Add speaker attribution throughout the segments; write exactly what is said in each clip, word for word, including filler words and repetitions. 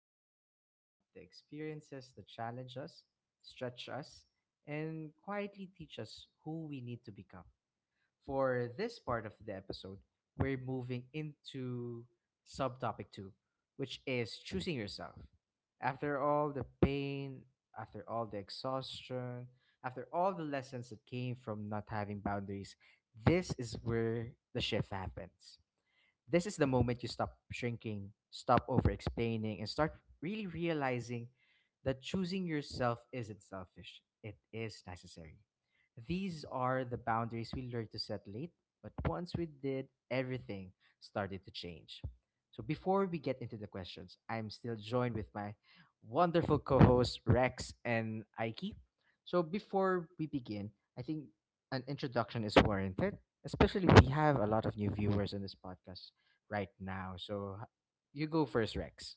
Speaker 1: where we talk about the experiences that challenge us, stretch us, and quietly teach us who we need to become. For this part of the episode, we're moving into subtopic two, which is choosing yourself. After all the pain, after all the exhaustion, after all the lessons that came from not having boundaries, this is where the shift happens. This is the moment you stop shrinking, stop over explaining, and start really realizing that choosing yourself isn't selfish, it is necessary. These are the boundaries we learned to set late, but once we did, everything started to change. So before we get into the questions, I'm still joined with my wonderful co-hosts Rex and Aiki. So before we begin, I think an introduction is warranted, especially we have a lot of new viewers in this podcast right now. So h- you go first, Rex.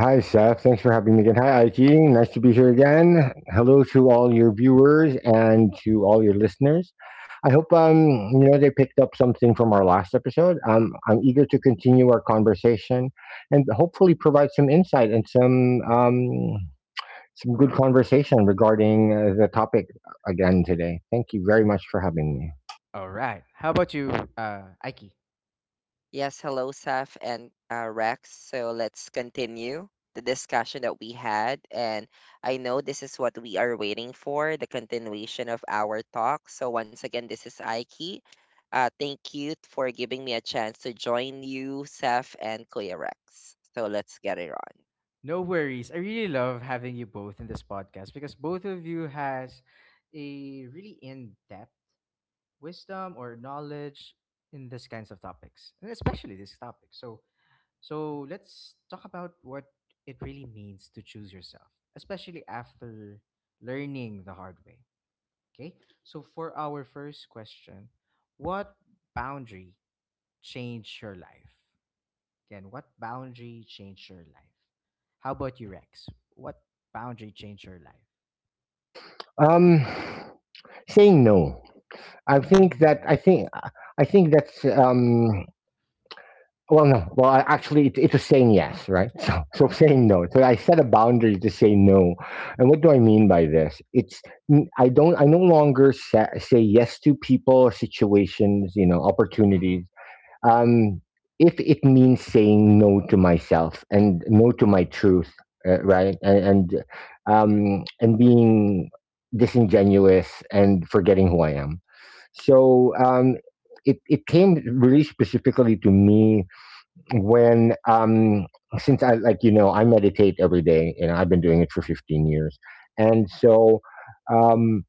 Speaker 2: Hi, Seth. Thanks for having me again. Hi, Aiki. Nice to be here again. Hello to all your viewers and to all your listeners. I hope um you know they picked up something from our last episode. Um, I'm eager to continue our conversation and hopefully provide some insight and some um some good conversation regarding uh, the topic again today. Thank you very much for having me.
Speaker 1: All right. How about you, uh, Aiki?
Speaker 3: Yes, hello, Saf and uh, Rex. So let's continue the discussion that we had. And I know this is what we are waiting for, the continuation of our talk. So once again, this is Aiki. Uh, thank you for giving me a chance to join you, Saf and Kuya Rex. So let's get it on.
Speaker 1: No worries. I really love having you both in this podcast because both of you has a really in-depth wisdom or knowledge in this kinds of topics, and especially this topic. So, so let's talk about what it really means to choose yourself, especially after learning the hard way. Okay. So for our first question, what boundary change your life? Again, what boundary changed your life? How about you, Rex? What boundary changed your life?
Speaker 2: Um, saying no. I think that I
Speaker 1: Hmm.
Speaker 2: think I think that's um well, no. Well, I, actually, it, it was saying yes, right? So, so saying no. So I set a boundary to say no. And what do I mean by this? It's n- I don't. I no longer sa say yes to people, situations, you know,
Speaker 1: Mm-hmm.
Speaker 2: opportunities. Um, if it means saying no to myself and no to my truth, uh, right? And and, um, and being disingenuous and forgetting who I am. So um, it, it came really specifically to me when um since I, like you know, I meditate every day and I've been doing it for fifteen years. And so um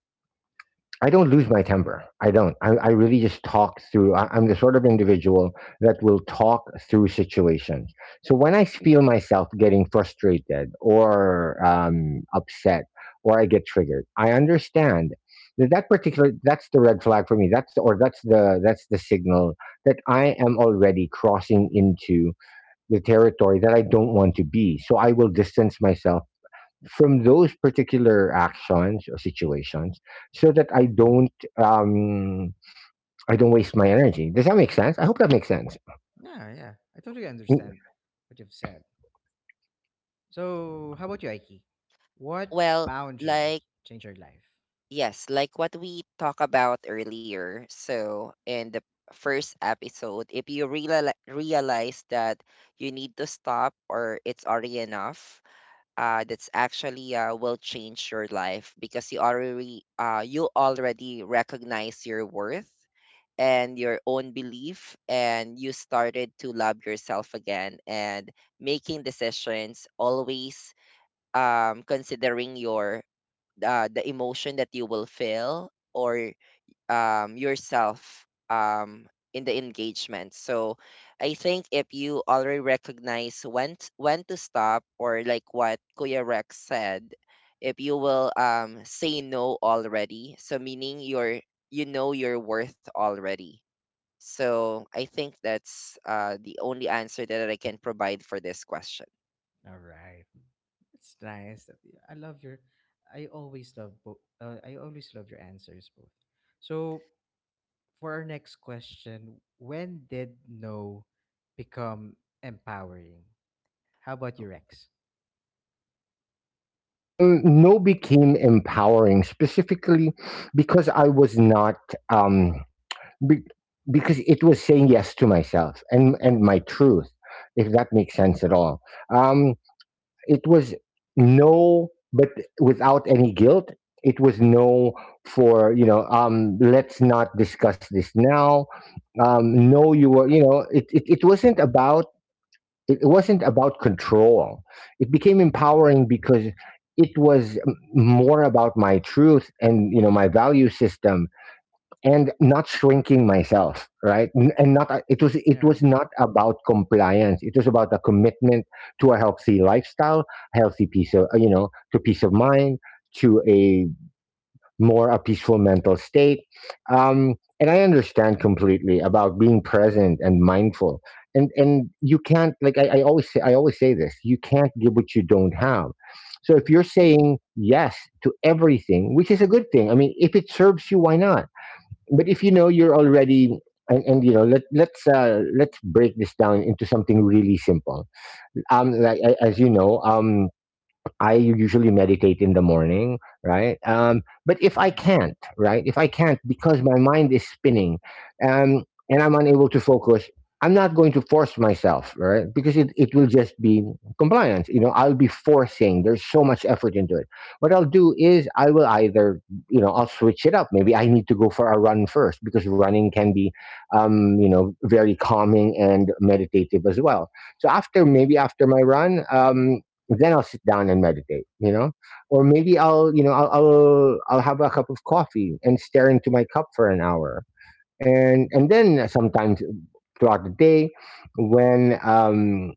Speaker 2: I don't lose my temper. I don't I, I really just talk through. I, I'm the sort of individual that will talk through situations. So when I feel myself getting frustrated or um, upset or I get triggered, I understand that that particular that's the red flag for me. that's or that's the that's the signal that I am already crossing into the territory that I don't want to be. So I will distance myself from those particular actions or situations so that I don't um, I don't waste my energy. Does that make sense? I hope that makes sense.
Speaker 1: Yeah, yeah, I totally
Speaker 2: Mm,
Speaker 1: understand what you've said. So, how about you, Aiki? What
Speaker 3: Well,
Speaker 1: boundary
Speaker 3: like
Speaker 1: changed your life?
Speaker 3: Yes, like what we talked about earlier. So, in the first episode, if you reali realize that you need to stop or it's already enough, uh, that's actually uh, will change your life because you already uh, you already recognize your worth and your own belief, and you started to love yourself again and making decisions always, um, considering your, uh, the emotion that you will feel, or um, yourself, um, in the engagement. So I think if you already recognize when t- when to stop, or like what Kuya Rex said, if you will, um, say no already, so meaning you're, you know your worth already. So I think that's uh, the only answer that I can provide for this question.
Speaker 1: All right. It's nice. that- I love your. I always love both. Uh, I always love your answers both. So, for our next question, when did no become empowering? How about you, Rex?
Speaker 2: Um, no became empowering specifically because I was not. Um, Be- because it was saying yes to myself and and my truth, if that makes sense at all. Um, it was no, but without any guilt. It was no for you know. Um, let's not discuss this now. Um, no, you were you know. It it, it wasn't about, it wasn't about control. It became empowering because it was m- more about my truth and you know my value system and not shrinking myself, right? N- and not uh, it was, it
Speaker 1: Yeah.
Speaker 2: was not about compliance. It was about a commitment to a healthy lifestyle, healthy piece of you know, to peace of mind, to a more a peaceful mental state. Um and I understand completely about being present and mindful. And and you can't, like i, I always say, i always say this: you can't give what you don't have. So if
Speaker 1: Mm-hmm.
Speaker 2: you're saying yes to everything, which is a good thing, I mean, if it serves you, why not? But if you know you're already and, and you know, let let's uh, let's break this down into something really simple. Um, like a- as you know, um, I usually meditate in the morning, right? Um, but if I
Speaker 1: Yeah.
Speaker 2: can't, right? If I can't because my mind is spinning, um, and I'm unable to focus, I'm not going to force myself, right? Because it, it will just be compliance. You know, I'll be forcing. There's so much effort into it. What I'll do is I will either, you know, I'll switch it up. Maybe I need to go for a run first because running can be, um, you know, very calming and meditative as well. So after, maybe after my run, um, then I'll sit down and meditate, you know, or maybe I'll, you know, I'll, I'll, I'll have a cup of coffee and stare into my cup for an hour. And, and then sometimes throughout the day when, um,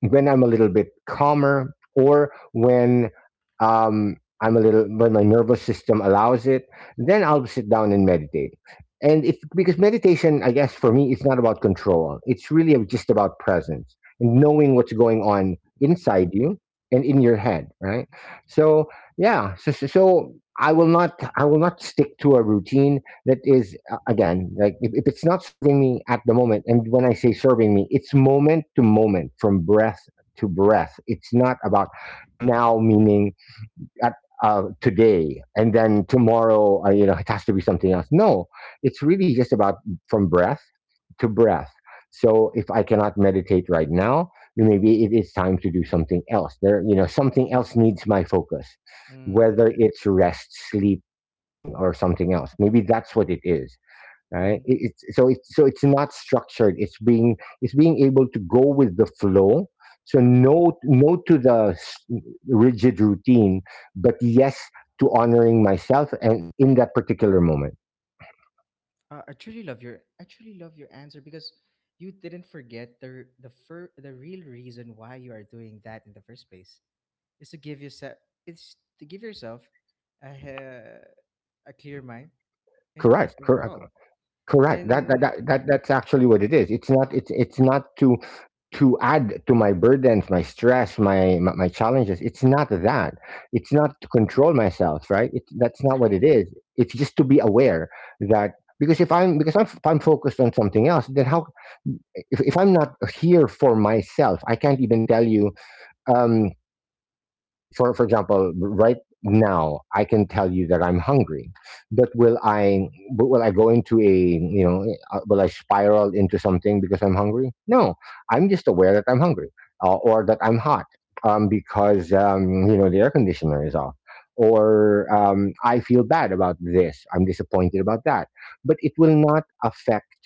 Speaker 2: when I'm a little bit calmer or when um, I'm a little, when my nervous system allows it, then I'll sit down and meditate. And it's because meditation, I guess for me, it's not about control. It's really just about presence and knowing what's going on inside you and in your head, right? So yeah, so so, so I will not, I will not stick to a routine that is uh, again, like if, if it's not serving me at the moment. And when I say serving me, it's moment to moment, from breath to breath. It's not about now, meaning at uh, today, and then tomorrow uh, you know, it has to be something else. No, it's really just about from breath to breath. So if I cannot meditate right now, then maybe it is time to do something else. There You know, something else needs my focus,
Speaker 1: Mm.
Speaker 2: whether it's rest, sleep, eating, or something else. Maybe that's what it is,
Speaker 1: Mm-hmm.
Speaker 2: right? It, it's so it's so, it's not structured. It's being, it's being able to go with the flow. So
Speaker 1: Yeah.
Speaker 2: no, no to the s- rigid routine, but yes to honoring myself and in that particular moment.
Speaker 1: Uh, I truly love your I truly love your answer because you didn't forget the r- the fir- the real reason why you are doing that in the first place is to give yourself, it's to give yourself a he- a clear mind and peace
Speaker 2: correct correct
Speaker 1: overall.
Speaker 2: correct that that,
Speaker 1: And
Speaker 2: that that that's actually what it is. It's not it's, it's not to, to add to my burdens, my stress, my my, my challenges. It's not that. It's not to control myself, right? It's That's not what it
Speaker 1: exactly.
Speaker 2: is. It's just to be aware that, because if I'm, because I'm, if I'm focused on something else, then how, if, if I'm not here for myself, I can't even tell you um, for example, right n- for for example, right now I can tell you that I'm hungry, but will I, but will I go into a you know uh, will I spiral into something because I'm hungry? No, I'm just aware that I'm hungry uh, or that I'm hot um, because um, you know, the air conditioner is off. Or um, I feel bad about this. I'm disappointed about that. But it will not affect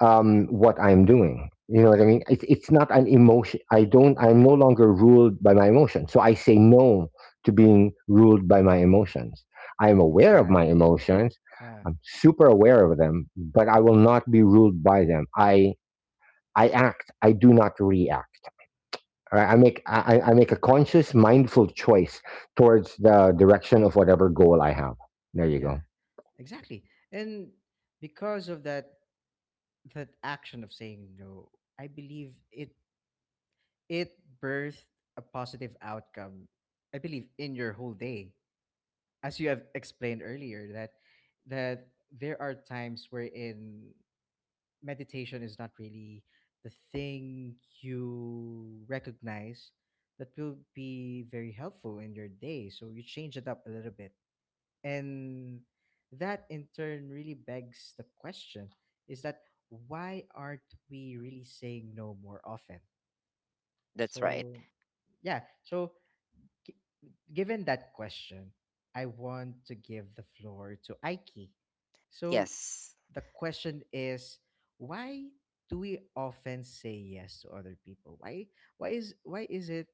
Speaker 2: um, what I'm doing. You know what I mean? It's it's not an emotion. I don't. I'm no longer ruled by my emotions. So I say no to being ruled by my emotions. I'm aware of my
Speaker 1: Exactly.
Speaker 2: emotions.
Speaker 1: Yeah.
Speaker 2: I'm super aware of them, but I will not be ruled by them. I I act. I do not react. All right? I make I, I I make a conscious, mindful choice towards the direction of whatever goal I have. There you go.
Speaker 1: Yeah. Exactly. And because of that, that action of saying no, I believe it, it birthed a positive outcome, I believe, in your whole day. As you have explained earlier, that that there are times wherein meditation is not really the thing you recognize that will be very helpful in your day. So you change it up a little bit. And that in turn really begs the question, is that why aren't we really saying no more often?
Speaker 3: That's right.
Speaker 1: So yeah. So gi- Given that question, I want to give the floor to Aiki. So
Speaker 3: Yes.
Speaker 1: the question is, why do we often say yes to other people? Why why is why is it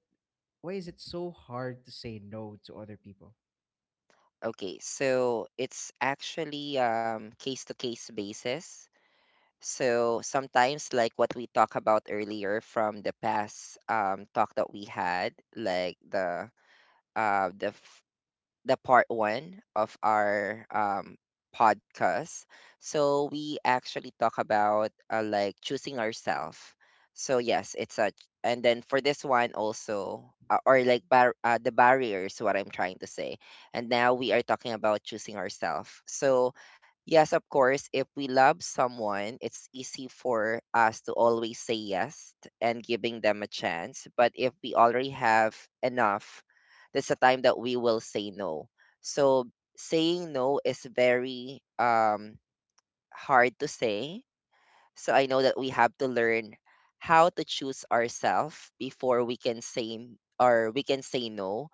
Speaker 1: why is it so hard to say no to other people?
Speaker 3: Okay, so it's actually um case to case basis. So sometimes like what we talked about earlier from the past um talk that we had, like the uh the the part one of our, um, podcast. So we actually talk about, uh, like choosing ourselves. So yes, it's a, and then for this one also, uh, or like bar- uh, the barriers, what I'm trying to say. And now we are talking about choosing ourselves. So yes, of course, if we love someone, it's easy for us to always say yes and giving them a chance. But if we already have enough, that's a time that we will say no. So saying no is very um hard to say. So I know that we have to learn how to choose ourselves before we can say, or we can say no,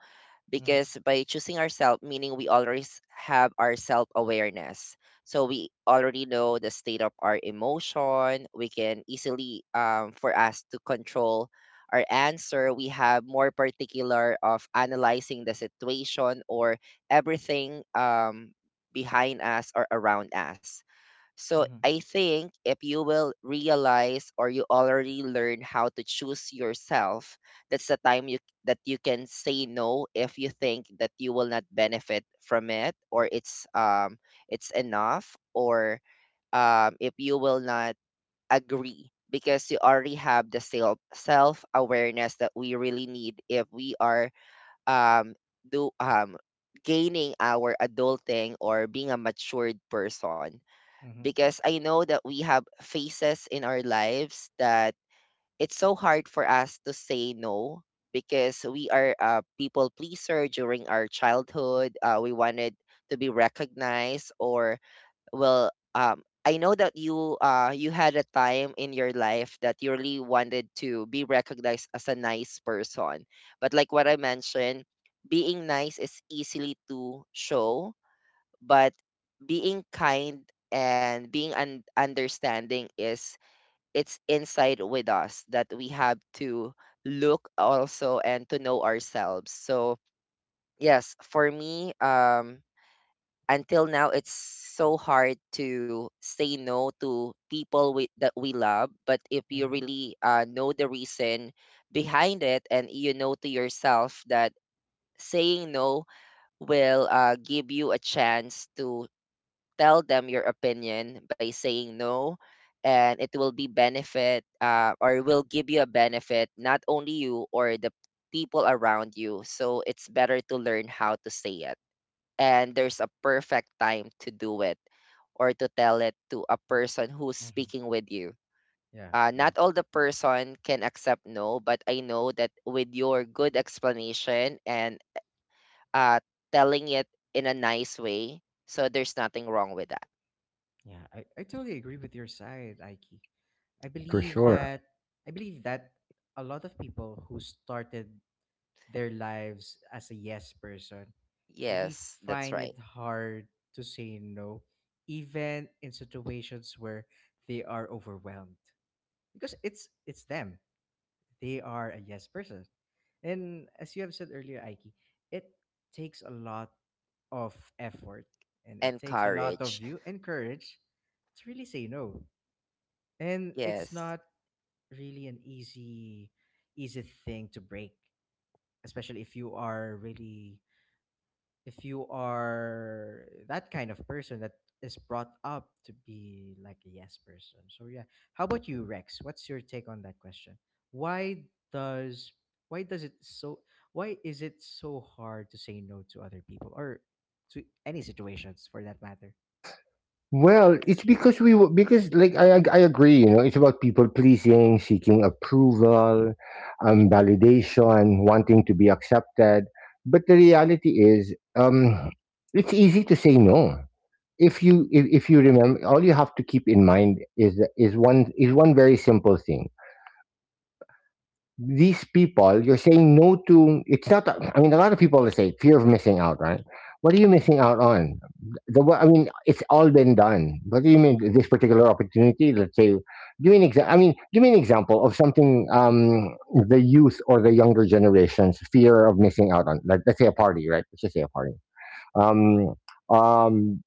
Speaker 1: Mm-hmm.
Speaker 3: because by choosing ourselves, meaning we always have our self awareness. So we already know the state of our emotion. We can easily, um, for us to control our answer, we have more particular of analyzing the situation or everything, um, behind us or around us. So
Speaker 1: Mm-hmm.
Speaker 3: I think if you will realize or you already learn how to choose yourself, that's the time you, that you can say no if you think that you will not benefit from it, or it's um it's enough, or um if you will not agree, because you already have the self self awareness that we really need if we are um do um gaining our adulting or being a matured person,
Speaker 1: Mm-hmm.
Speaker 3: because I know that we have phases in our lives that it's so hard for us to say no, because we are a people pleaser during our childhood. Uh, we wanted to be recognized, or well um I know that you uh you had a time in your life that you really wanted to be recognized as a nice person. But like what I mentioned, being nice is easily to show, but being kind and being un- understanding is, it's inside with us that we have to look also and to know ourselves. So yes, for me, um until now it's so hard to say no to people with that we love, but if you
Speaker 1: Mm-hmm.
Speaker 3: really, uh, know the reason behind it and you know to yourself that saying no will, uh, give you a chance to tell them your opinion by saying no, and it will be benefit, uh, or will give you a benefit not only you or the people around you. So it's better to learn how to say it, and there's a perfect time to do it, or to tell it to a person who's
Speaker 1: Mm-hmm.
Speaker 3: speaking with you.
Speaker 1: Yeah.
Speaker 3: Uh,
Speaker 1: Yeah.
Speaker 3: not all the person can accept no, but I know that with your good explanation and, uh, telling it in a nice way, so there's nothing wrong with that.
Speaker 1: Yeah, I, I totally agree with your side, Aiki. I
Speaker 2: For
Speaker 1: believe
Speaker 2: sure.
Speaker 1: that I believe that a lot of people who started their lives as a yes person really
Speaker 3: Yes, that's
Speaker 1: find
Speaker 3: right.
Speaker 1: it hard to say no, even in situations where they are overwhelmed. Because it's it's them. They are a yes person. And as you have said earlier, Aiki, it takes a lot of effort and it
Speaker 3: And
Speaker 1: takes a lot
Speaker 3: courage.
Speaker 1: of you and courage to really say no. And it's
Speaker 3: Yes,
Speaker 1: not really an easy easy thing to break, especially if you are really, if you are that kind of person that is brought up to be like a yes person. So yeah, how about you, Rex? What's your take on that question? Why does why does it so why is it so hard to say no to other people or to any situations for that matter?
Speaker 2: Well, it's because we w- because like I I agree, you know, it's about people pleasing, seeking approval, um, validation, wanting to be accepted. But the reality is, um, it's easy to say no. If you if, if you remember, all you have to keep in mind is is one, is one very simple thing: these people you're saying no to, it's not that- I mean, a lot of people will say fear of missing out, right? What are you missing out on? the wo- I mean, it's all been done. What do you mean this particular opportunity? Let's say, give me an example. I mean, give me an example of something, um the youth or the younger generation's fear of missing out on, like, let's say a party, right? Let's just say a party. um um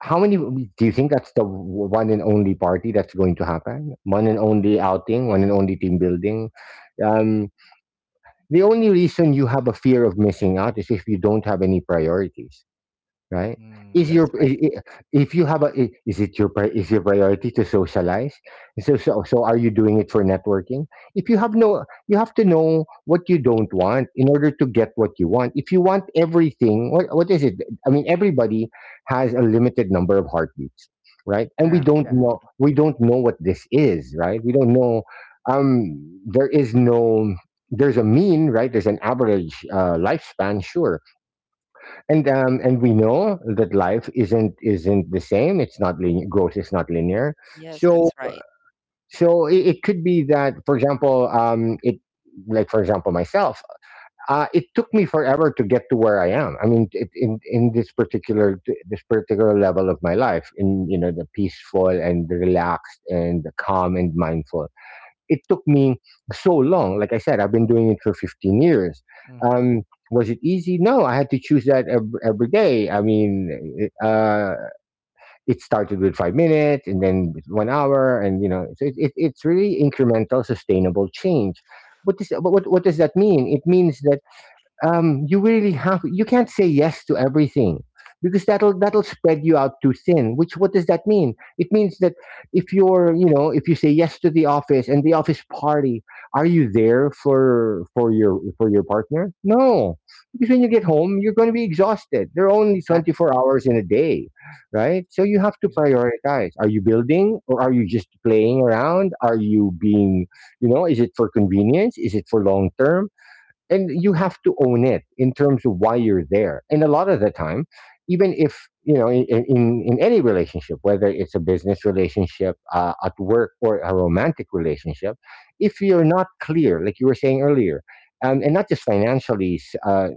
Speaker 2: how many do you think that's the one and only party that's going to happen, one and only outing, one and only team building? Um, the only reason you have a fear of missing out is if you don't have any priorities, right? Is
Speaker 3: that's
Speaker 2: your
Speaker 1: Mm.
Speaker 3: right.
Speaker 2: I- I- If you have a i- is it your pri- is your priority to socialize? So so so are you doing it for networking? If you have no, you have to know what you don't want in order to get what you want. If you want everything, what what is it? I mean, everybody has a limited number of heartbeats, right? And we
Speaker 1: Yeah,
Speaker 2: don't
Speaker 1: yeah.
Speaker 2: know, we don't know what this is, right? We don't know. Um, there is no. There's a mean, right? There's an average uh, lifespan, sure, and um, and we know that life isn't isn't the same. It's not linear. Growth is not linear.
Speaker 3: Yes, that's
Speaker 2: So
Speaker 3: right.
Speaker 2: so it, it could be that, for example, um, it, like for example myself, uh, it took me forever to get to where I am. I mean, it, in in this particular, this particular level of my life, in you know, the peaceful and relaxed and the calm and mindful, it took me so long. Like I said, I've been doing it for fifteen years.
Speaker 1: Mm-hmm.
Speaker 2: Um, was it easy? No, I had to choose that ev- every day. I mean, it, uh, it started with five minutes and then with one hour, and you know, so it, it, it's really incremental, sustainable change. What does, but what what does that mean? It means that um, you really have you can't say yes to everything because that'll that'll spread you out too thin. Which, what does that mean? It means that if you're you know if you say yes to the office and the office party, are you there for for your for your partner? No, because when you get home you're going to be exhausted. There are only
Speaker 1: Exactly.
Speaker 2: twenty-four hours in a day, right? So you have to
Speaker 1: Exactly.
Speaker 2: prioritize. Are you building, or are you just playing around? Are you being, you know, is it for convenience, is it for long term? And you have to own it in terms of why you're there. And a lot of the time, even if you know, in in, in any relationship, whether it's a business relationship, uh, at work, or a romantic relationship, if you're not clear, like you were saying earlier, um, and not just financially, s- uh,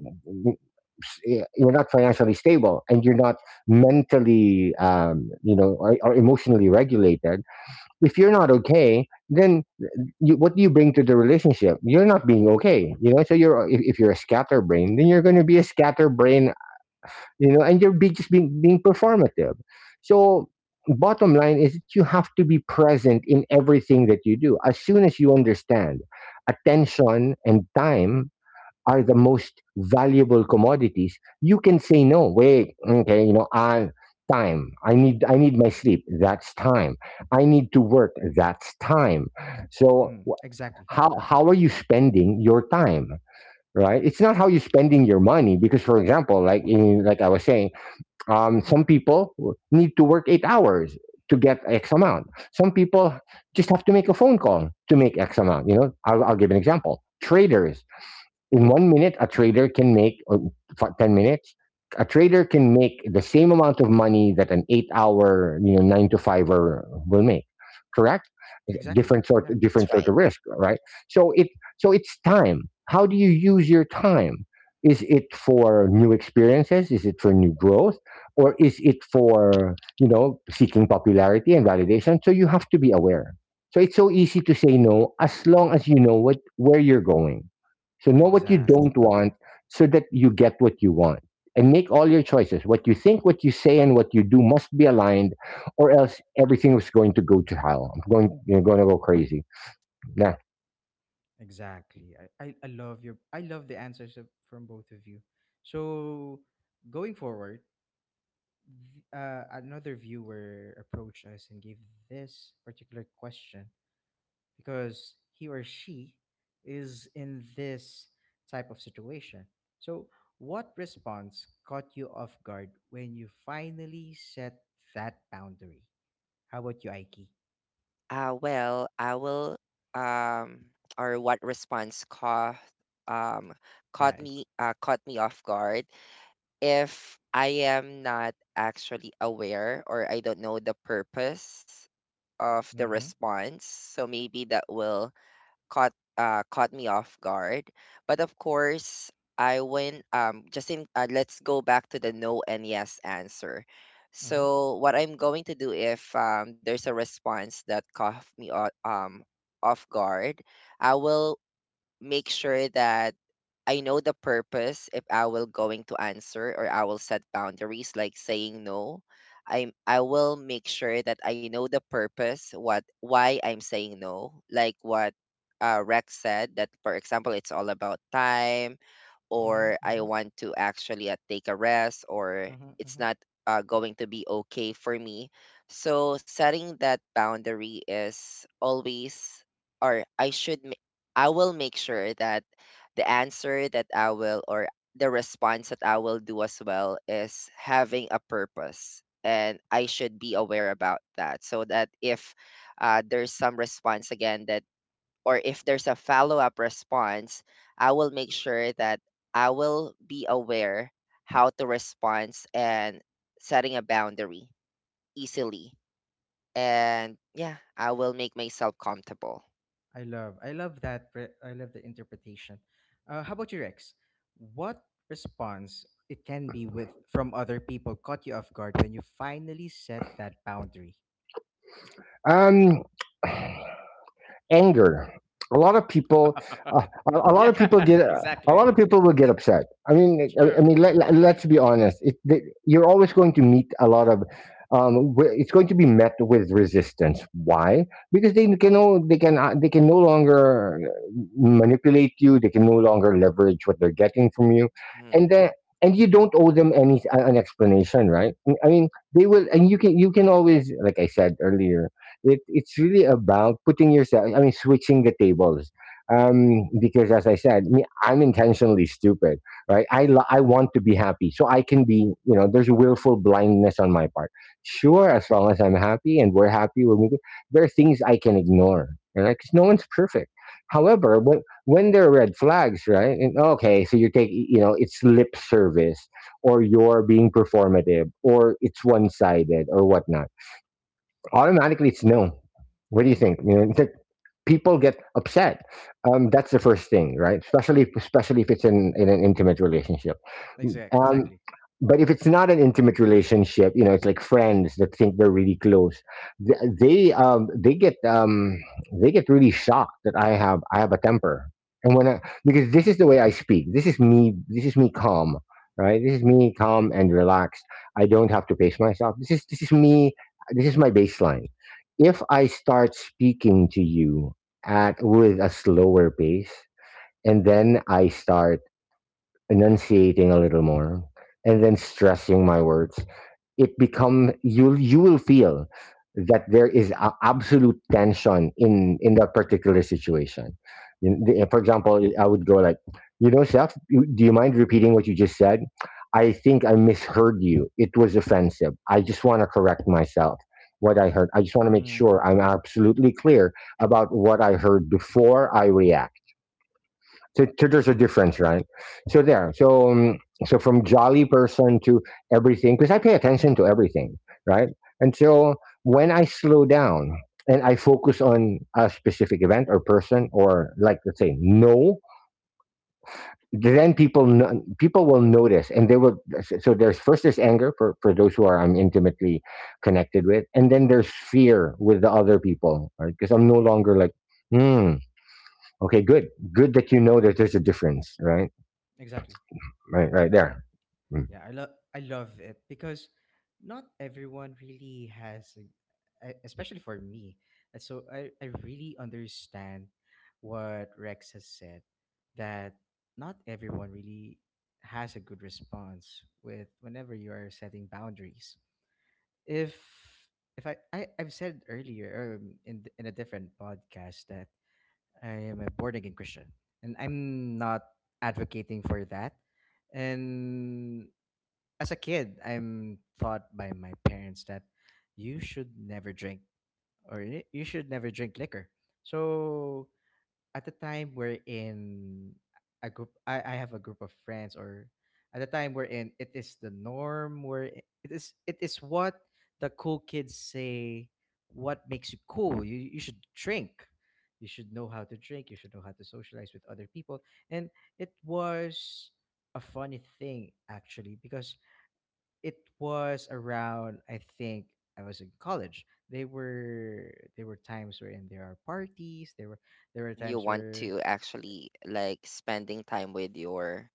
Speaker 2: s- y- you're not financially stable and you're not mentally, um, you know, or, or emotionally regulated. If you're not okay, then you, what do you bring to the relationship? You're not being okay, you know. So you're if, if you're a scatterbrain, then you're going to be a scatterbrain, you know, and you're be, just being being performative. So bottom line is that you have to be present in everything that you do. As soon as you understand, attention and time are the most valuable commodities. You can say no. Wait, okay, you know, I time. I need I need my sleep. That's time. I need to work. That's time. So
Speaker 1: Mm, exactly.
Speaker 2: how how are you spending your time, right? It's not how you're spending your money because, for example, like in, like I was saying, um, some people need to work eight hours to get x amount. Some people just have to make a phone call to make x amount. You know, i'll, I'll give an example. Traders, in one minute a trader can make, or fi- ten minutes a trader can make the same amount of money that an eight hour, you know, nine to fiver will make. Correct.
Speaker 1: Exactly.
Speaker 2: different sort
Speaker 1: Yeah.
Speaker 3: That's
Speaker 2: different sort
Speaker 3: right.
Speaker 2: of risk, right? so it so it's time. How do you use your time? Is it for new experiences? Is it for new growth? Or is it for, you know, seeking popularity and validation? So you have to be aware. So it's so easy to say no, as long as you know what where you're going. So know what you
Speaker 1: Exactly.
Speaker 2: don't want so that you get what you want. And make all your choices. What you think, what you say, and what you do must be aligned, or else everything is going to go to hell. I'm going, you're going to go crazy. Yeah.
Speaker 1: Exactly. I, I, I love your I love the answers of, from both of you. So going forward, th- uh, another viewer approached us and gave this particular question because he or she is in this type of situation. So what response caught you off guard when you finally set that boundary? How about you, Aiki?
Speaker 3: Uh, well, I will, um, or what response caught, um,
Speaker 1: Yeah.
Speaker 3: caught me, uh, caught me off guard if I am not actually aware or I don't know the purpose of the
Speaker 1: Mm-hmm.
Speaker 3: response. So maybe that will caught uh caught me off guard. But of course, I went um just in, uh, let's go back to the no and yes answer.
Speaker 1: Mm-hmm.
Speaker 3: So what I'm going to do if um there's a response that caught me o- um off guard, I will make sure that I know the purpose if I will going to answer, or I will set boundaries like saying no. I'm I will make sure that I know the purpose what why I'm saying no. Like what uh Rex said, that for example it's all about time,
Speaker 1: Mm-hmm.
Speaker 3: or I
Speaker 1: Mm-hmm.
Speaker 3: want to actually, uh, take a rest, or
Speaker 1: Mm-hmm.
Speaker 3: it's
Speaker 1: Mm-hmm.
Speaker 3: not, uh, going to be okay for me. So setting that boundary is always, or I should, ma- I will make sure that the answer that I will, or the response that I will do as well is having a purpose. And I should be aware about that so that if, uh, there's some response again that, or if there's a follow up response, I will make sure that I will be aware how to respond, and setting a boundary easily. And yeah, I will make myself comfortable.
Speaker 1: I love I love that pre- I love the interpretation. Uh, how about you, Rex? What response, it can be with from other people, caught you off guard when you finally set that boundary?
Speaker 2: Um, Anger. A lot of people, uh, a a lot of people
Speaker 1: Yeah.
Speaker 2: get, a lot
Speaker 1: Exactly.
Speaker 2: of people will get upset. I mean, I, I
Speaker 1: Sure.
Speaker 2: mean, let, let- let's be honest. It, th You're always going to meet a lot of, um, wi- it's going to be met with resistance. Why? Because they can no, they can, uh, they can no longer manipulate you. They can no longer leverage what they're getting from you, and
Speaker 3: Mhm.
Speaker 2: then. And you don't owe them any an explanation, right? I mean, they will, and you can you can always, like I said earlier, it, it's really about putting yourself, I mean switching the tables, um, because as I said, me, I'm intentionally stupid, right? I, lo- I want to be happy so I can be, you know, there's willful blindness on my part. Sure, as long as I'm happy and we're happy, we're moving. There are things I can ignore, right? Because no one's perfect. However, when when there are red flags, right? And okay, so you are taking. You know, it's lip service, or you're being performative, or it's one-sided or whatnot, automatically it's no. What do you think? You know, in fact, people get upset. Um, that's the first thing, right? Especially, especially if it's in, in an intimate relationship.
Speaker 1: Exact,
Speaker 2: Um,
Speaker 1: exactly.
Speaker 2: but if it's not an intimate relationship, you know, it's like friends that think they're really close. Th- They um, they get um, they get really shocked that I have I have a temper, and when I, because this
Speaker 1: Mm-hmm.
Speaker 2: is the way I speak. This is me. This is me calm, right? This is me calm and relaxed. I don't have to pace myself. This is this is me. This is my baseline. If I start speaking to you at with a slower pace, and then I start enunciating a little more, and then stressing my words, it become you'll you will feel that there is a absolute tension in in that particular situation. In the- eh, for example, I would go like, you know, Seth, you- do you mind repeating what you just said? I think I misheard you. It was offensive. I just want to correct myself, what I heard. I just want to make sure
Speaker 1: Mm,
Speaker 2: I'm absolutely clear about what I heard before I react. So, so there's a
Speaker 1: yeah,
Speaker 2: difference, right? So there. So um, so from jolly person to everything, because I pay attention to everything, right? And so, when I slow down and I focus on a specific event or person, or like, let's say no, then people no- people will notice and they will. So there's first there's anger for for those who are I'm intimately connected with, and then there's fear with the other people, right? Because I'm no longer like. Hmm. Okay. Good. Good that you know that there's a difference, right?
Speaker 1: exactly.
Speaker 2: Right, right
Speaker 1: Yeah.
Speaker 2: there. Mm.
Speaker 1: Yeah, I love I love it because not everyone really has, a- e- especially for me. And so I, I really understand what Rex has said, that not everyone really has a good response with whenever you are setting boundaries. If if I, I I've said earlier, um, in th- in a different podcast, that I am a born again Christian, and I'm not advocating for that. And as a kid, I'm taught by my parents that you should never drink or y- you should never drink liquor. So at the time we're in a group, I, I have a group of friends, or at the time we're in, it is the norm. Where it is, it is what the cool kids say. What makes you cool? You you should drink. You should know how to drink. You should know how to socialize with other people. And it was a funny thing actually, because it was around, I think I was in college. They were, there were times where, and there are parties. There were there were
Speaker 3: You
Speaker 1: times
Speaker 3: want
Speaker 1: where,
Speaker 3: to actually like spending time with your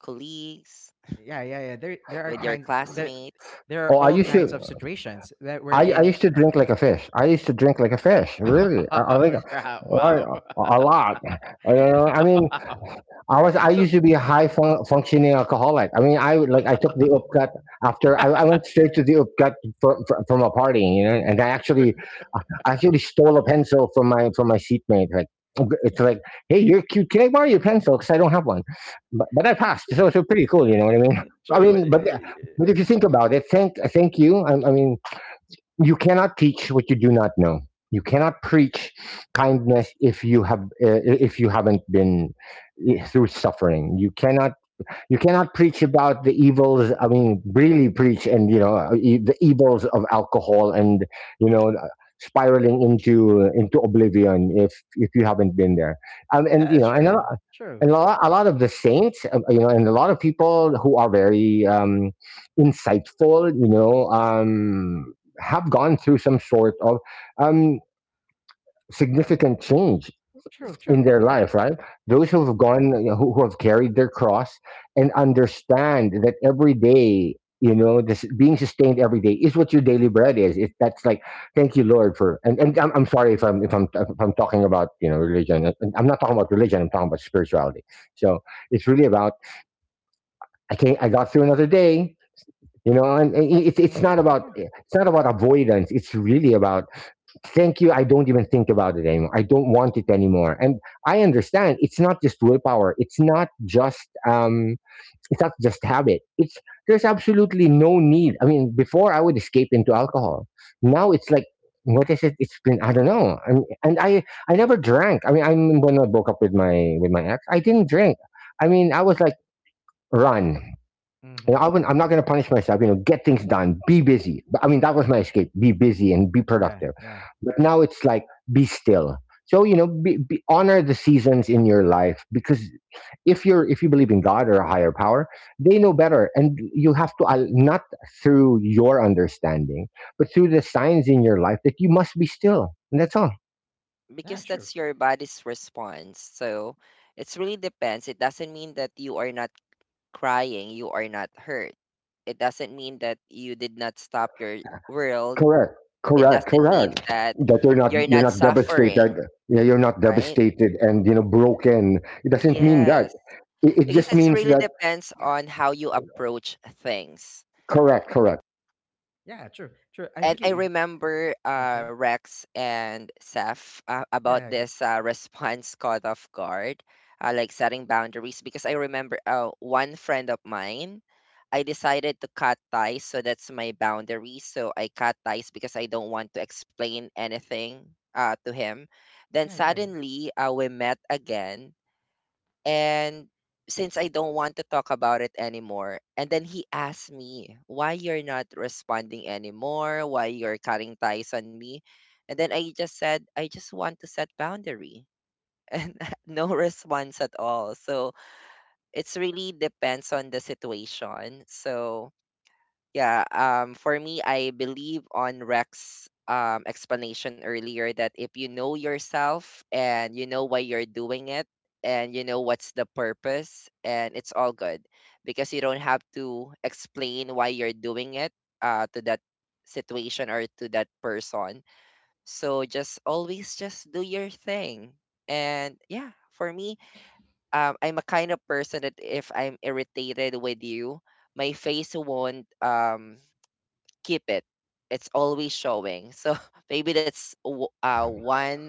Speaker 3: colleagues,
Speaker 1: yeah, yeah, yeah, there there are
Speaker 3: with your
Speaker 1: kinds that,
Speaker 3: classmates,
Speaker 1: there are
Speaker 2: Oh, I
Speaker 1: all
Speaker 2: used
Speaker 1: kinds
Speaker 2: to,
Speaker 1: of situations that we're
Speaker 2: I, I
Speaker 1: in.
Speaker 2: used to drink like a fish. I used to drink like a fish. Really, I, I think,
Speaker 1: Wow!
Speaker 2: I,
Speaker 1: Wow!
Speaker 2: a lot. I, I mean,
Speaker 1: Wow.
Speaker 2: I was I
Speaker 1: So
Speaker 2: used to be a high fun- functioning alcoholic. I mean, I would- like I took the upcut. After I, I
Speaker 1: yeah,
Speaker 2: went straight to the upcut from, from from a party, you know, and I
Speaker 1: true,
Speaker 2: actually I actually stole a pencil from my from my seatmate. Like it's like, hey, you're cute. Can I borrow your pencil? Because I don't have one, but but I passed,
Speaker 1: true,
Speaker 2: so so pretty cool. You know what I mean? I
Speaker 1: true. what
Speaker 2: mean, but
Speaker 1: you-
Speaker 2: but if you think about it, thank thank you. I, I mean, you cannot teach what you do not know. You cannot preach kindness if you have uh, if you haven't been, eh, through suffering. You cannot you cannot preach about the evils, I mean really preach, and, you know, e- the evils of alcohol, and, you know, spiraling into into oblivion, if if you haven't been there. Um, and, you
Speaker 1: Yeah,
Speaker 2: know, and a
Speaker 1: true, true,
Speaker 2: and a lot, a lot of the saints, uh, you know, and a lot of people who are very, um, insightful, you know, um, have gone through some sort of, um, significant change
Speaker 1: true,
Speaker 2: in
Speaker 1: true.
Speaker 2: their
Speaker 1: Yeah,
Speaker 2: life, right? Those who
Speaker 1: yeah,
Speaker 2: have gone, you know, who, who have carried their cross, and understand that every day, you know, this being sustained every day is what your daily bread is. It, that's like, thank you, Lord, for. And, and I'm, I'm sorry if I'm if I'm if I'm talking about, you know, religion. And I'm not talking about religion. I'm talking about spirituality. So it's really about, I can't. I got through another day. You know, and, and it- it's it's
Speaker 1: that's
Speaker 2: not
Speaker 1: true.
Speaker 2: about,
Speaker 1: Yeah.
Speaker 2: it's not about avoidance. It's really about, thank you. I don't even think about it anymore. I don't want it anymore. And I understand it's not just willpower, it's not just, um it's not just habit. It's There's absolutely no need. I mean, before I would escape into alcohol. Now it's like, what is it, it's been, I don't know. And, and i i never drank. I mean, I when I broke up with my with my ex, I didn't drink. I mean, I was like, run. You know, I
Speaker 1: Mm-hmm.
Speaker 2: wouldn't, I'm not going to punish myself. You know, get things done, be busy. But, I mean, that was my escape: be busy and be
Speaker 1: Yeah,
Speaker 2: productive.
Speaker 1: yeah,
Speaker 2: But now it's like, be still. So, you know, be, be, honor the seasons in your life because if you're if you believe in God or a higher power, they know better, and you have to, al- not through your understanding, but through the signs in your life that you must be still, and that's all.
Speaker 1: yeah,
Speaker 3: because
Speaker 1: true.
Speaker 3: that's your body's response. So it's really depends. It doesn't mean that you are not crying, you are not hurt. It doesn't mean that you did not stop your world.
Speaker 2: Correct.
Speaker 3: It
Speaker 2: Correct.
Speaker 3: doesn't mean
Speaker 2: Correct.
Speaker 3: that
Speaker 2: That you're not
Speaker 3: you're
Speaker 2: you're
Speaker 3: not
Speaker 2: not
Speaker 3: suffering,
Speaker 2: devastated. Yeah, you're not
Speaker 3: right?
Speaker 2: devastated and, you know, broken. It doesn't mean that.
Speaker 3: Yes,
Speaker 2: It, it
Speaker 3: because
Speaker 2: just
Speaker 3: it's
Speaker 2: means
Speaker 3: really
Speaker 2: that.
Speaker 3: depends on how you approach things.
Speaker 2: Correct. Correct.
Speaker 1: Yeah, true, true. I
Speaker 3: And
Speaker 1: really
Speaker 3: I
Speaker 1: ag-
Speaker 3: remember, uh,
Speaker 1: okay.
Speaker 3: Rex and Seth, uh,
Speaker 1: Yeah,
Speaker 3: about
Speaker 1: yeah, go.
Speaker 3: this, uh, response caught off guard, uh, like setting boundaries. Because I remember, uh, one friend of mine, I decided to cut ties. So that's my boundary. So I cut ties because I don't want to explain anything, uh, to him. Then
Speaker 1: Yeah, yeah, yeah.
Speaker 3: suddenly, uh, we met again, and since I don't want to talk about it anymore, and then he asked me why you're not responding anymore, why you're cutting ties on me, and then I just said I just want to set boundary and no response at all. So it's really depends on the situation. So yeah, um, for me, I believe on Rex's, um, explanation earlier that if you know yourself and you know why you're doing it and you know what's the purpose, and it's all good because you don't have to explain why you're doing it, uh, to that situation or to that person. So just always just do your thing. And yeah, for me, um, I'm a kind of person that if I'm irritated with you, my face won't um keep it. It's always showing. So maybe that's w- uh, one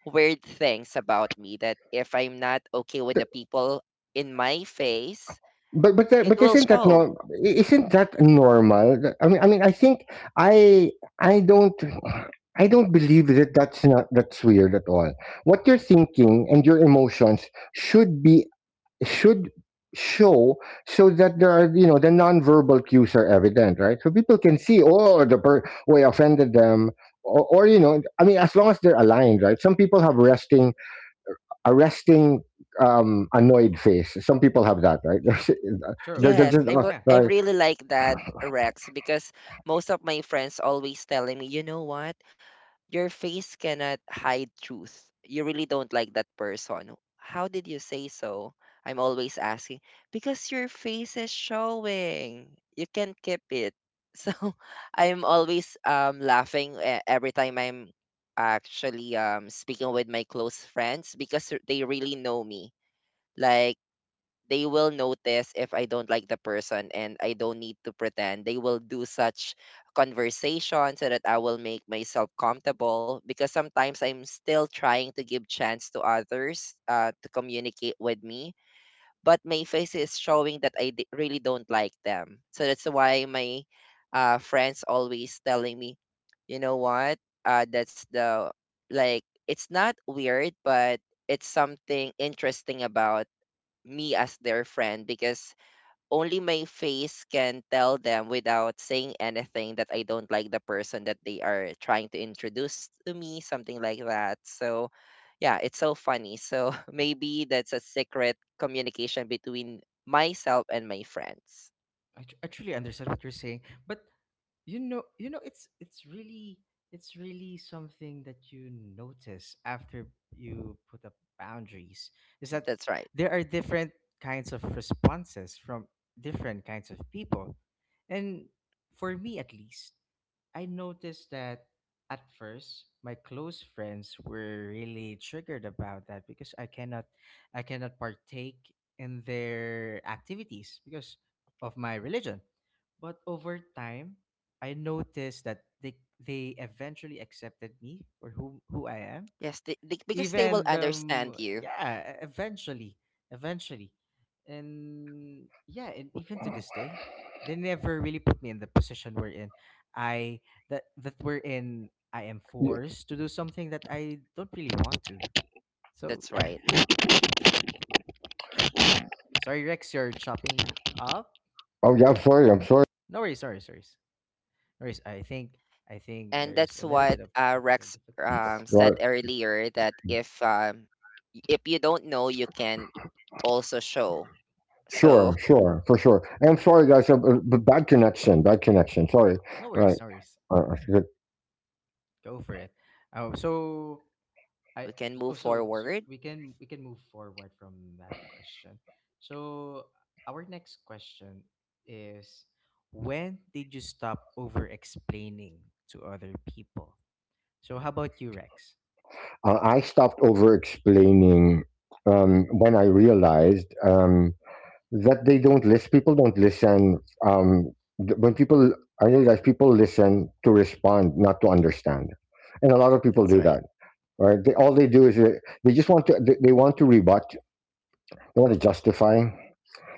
Speaker 3: weird things about me, that if I'm not okay with
Speaker 2: Th-
Speaker 3: the people in my face,
Speaker 2: But but that-
Speaker 3: it
Speaker 2: but
Speaker 3: will
Speaker 2: isn't that, no?
Speaker 3: show.
Speaker 2: Isn't that normal? Th- I mean, I mean I think. I I don't. I don't believe that that's not that's weird at all. What you're thinking and your emotions should be should show so that there are you know the nonverbal cues are evident, right? So people can see, oh, the per- way offended them, or, or you know I mean, as long as they're aligned, right? Some people have resting a resting um annoyed face. Some people have that, right?
Speaker 1: True,
Speaker 2: they're, they're
Speaker 3: Yes,
Speaker 1: true.
Speaker 2: just,
Speaker 3: I'm
Speaker 2: uh,
Speaker 3: r-
Speaker 1: Yeah,
Speaker 3: I'm
Speaker 2: right.
Speaker 3: really like that, Rex, because most of my friends always telling me, you know what? Your face cannot hide truth. You really don't like that person. How did you say so? I'm always asking, because your face is showing. You can't keep it. So I'm always um laughing e- every time I'm actually um speaking with my close friends, because r- they really know me. Like they will notice if I don't like the person, and I don't need to pretend. They will do such conversation so that I will make myself comfortable, because sometimes I'm still trying to give chance to others, uh, to communicate with me, but my face is showing that I d- really don't like them. So that's why my, uh, friends always telling me, you know what? Uh, that's the, like, it's not weird, but it's something interesting about me as their friend, because only my face can tell them without saying anything that I don't like the person that they are trying to introduce to me, something like that. So, yeah, it's so funny. So, maybe that's a secret communication between myself and my friends.
Speaker 1: I, tr- I truly understand what you're saying, but you know you know it's, it's really it's really something that you notice after you put up boundaries, is that
Speaker 3: That's right.
Speaker 1: there are different kinds of responses from different kinds of people. And for me at least, I noticed that at first my close friends were really triggered about that because i cannot i cannot partake in their activities because of my religion. But over time I noticed that they they eventually accepted me for who who I am.
Speaker 3: Yes, they, they, because they will
Speaker 1: Even
Speaker 3: understand
Speaker 1: um
Speaker 3: you.
Speaker 1: yeah, e- eventually, eventually, and yeah, and even to this day, they never really put me in the position we're in. I That, that we're in. I am forced to do something that I don't really want to. So
Speaker 3: That's
Speaker 1: yeah,
Speaker 3: right.
Speaker 1: sorry Rex, you're chopping up.
Speaker 2: Oh, yeah, I'm sorry, I'm sorry.
Speaker 1: No worries, sorry, sorry, no worries. I think I think
Speaker 3: And
Speaker 1: there's
Speaker 3: that's
Speaker 1: a little
Speaker 3: what,
Speaker 1: bit of
Speaker 3: uh,
Speaker 1: technical
Speaker 3: Rex, um,
Speaker 1: difficulties.
Speaker 3: said
Speaker 2: Right.
Speaker 3: earlier that if, um, if you don't know, you can also show. So
Speaker 2: Sure, sure, for sure. And I'm sorry, guys, uh, uh, but bad connection, bad connection. Sorry.
Speaker 1: No
Speaker 2: Right.
Speaker 1: worries, no worries.
Speaker 2: Uh, I forgot.
Speaker 1: Go for it. Oh, so
Speaker 3: we
Speaker 1: I
Speaker 3: can move
Speaker 1: Oh, so so
Speaker 3: forward.
Speaker 1: we can, we can move forward from that question. So our next question is, when did you stop over explaining to other people? So how about you, Rex?
Speaker 2: Uh, I stopped over explaining um, when I realized um, that they don't listen. People don't listen. Um, th- when people, I realize people listen to respond, not to understand, and a lot of people
Speaker 3: That's
Speaker 2: do
Speaker 3: right.
Speaker 2: that. Right? They, all they do is, uh, they just want to. They, they want to rebut. They want to justify.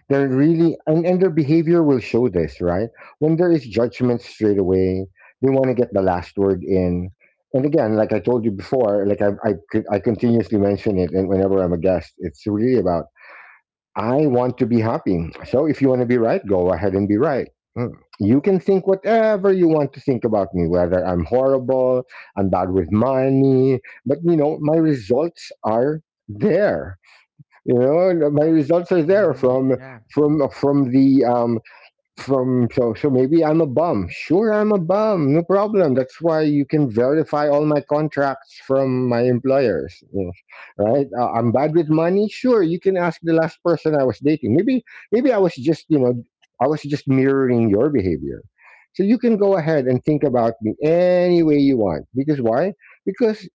Speaker 2: They're really and, and their behavior will show this, right? When there is judgment straight away, they want to get the last word in. And again, like I told you before, like I I, could, I continuously mention it, and whenever I'm a guest, it's really about I want to be happy. So if you want to be right, go ahead and be right. Mm. You can think whatever you want to think about me, whether I'm horrible, I'm bad with money, but you know my results are there you know And my results are there
Speaker 1: Mm-hmm.
Speaker 2: from
Speaker 1: Yeah.
Speaker 2: from from the um from so so maybe I'm a bum. Sure, I'm a bum. No problem. That's why you can verify all my contracts from my employers, you know, right. uh, I'm bad with money. Sure, you can ask the last person I was dating. Maybe maybe I was just, you know I was just mirroring your behavior. So you can go ahead and think about me any way you want, because why? Because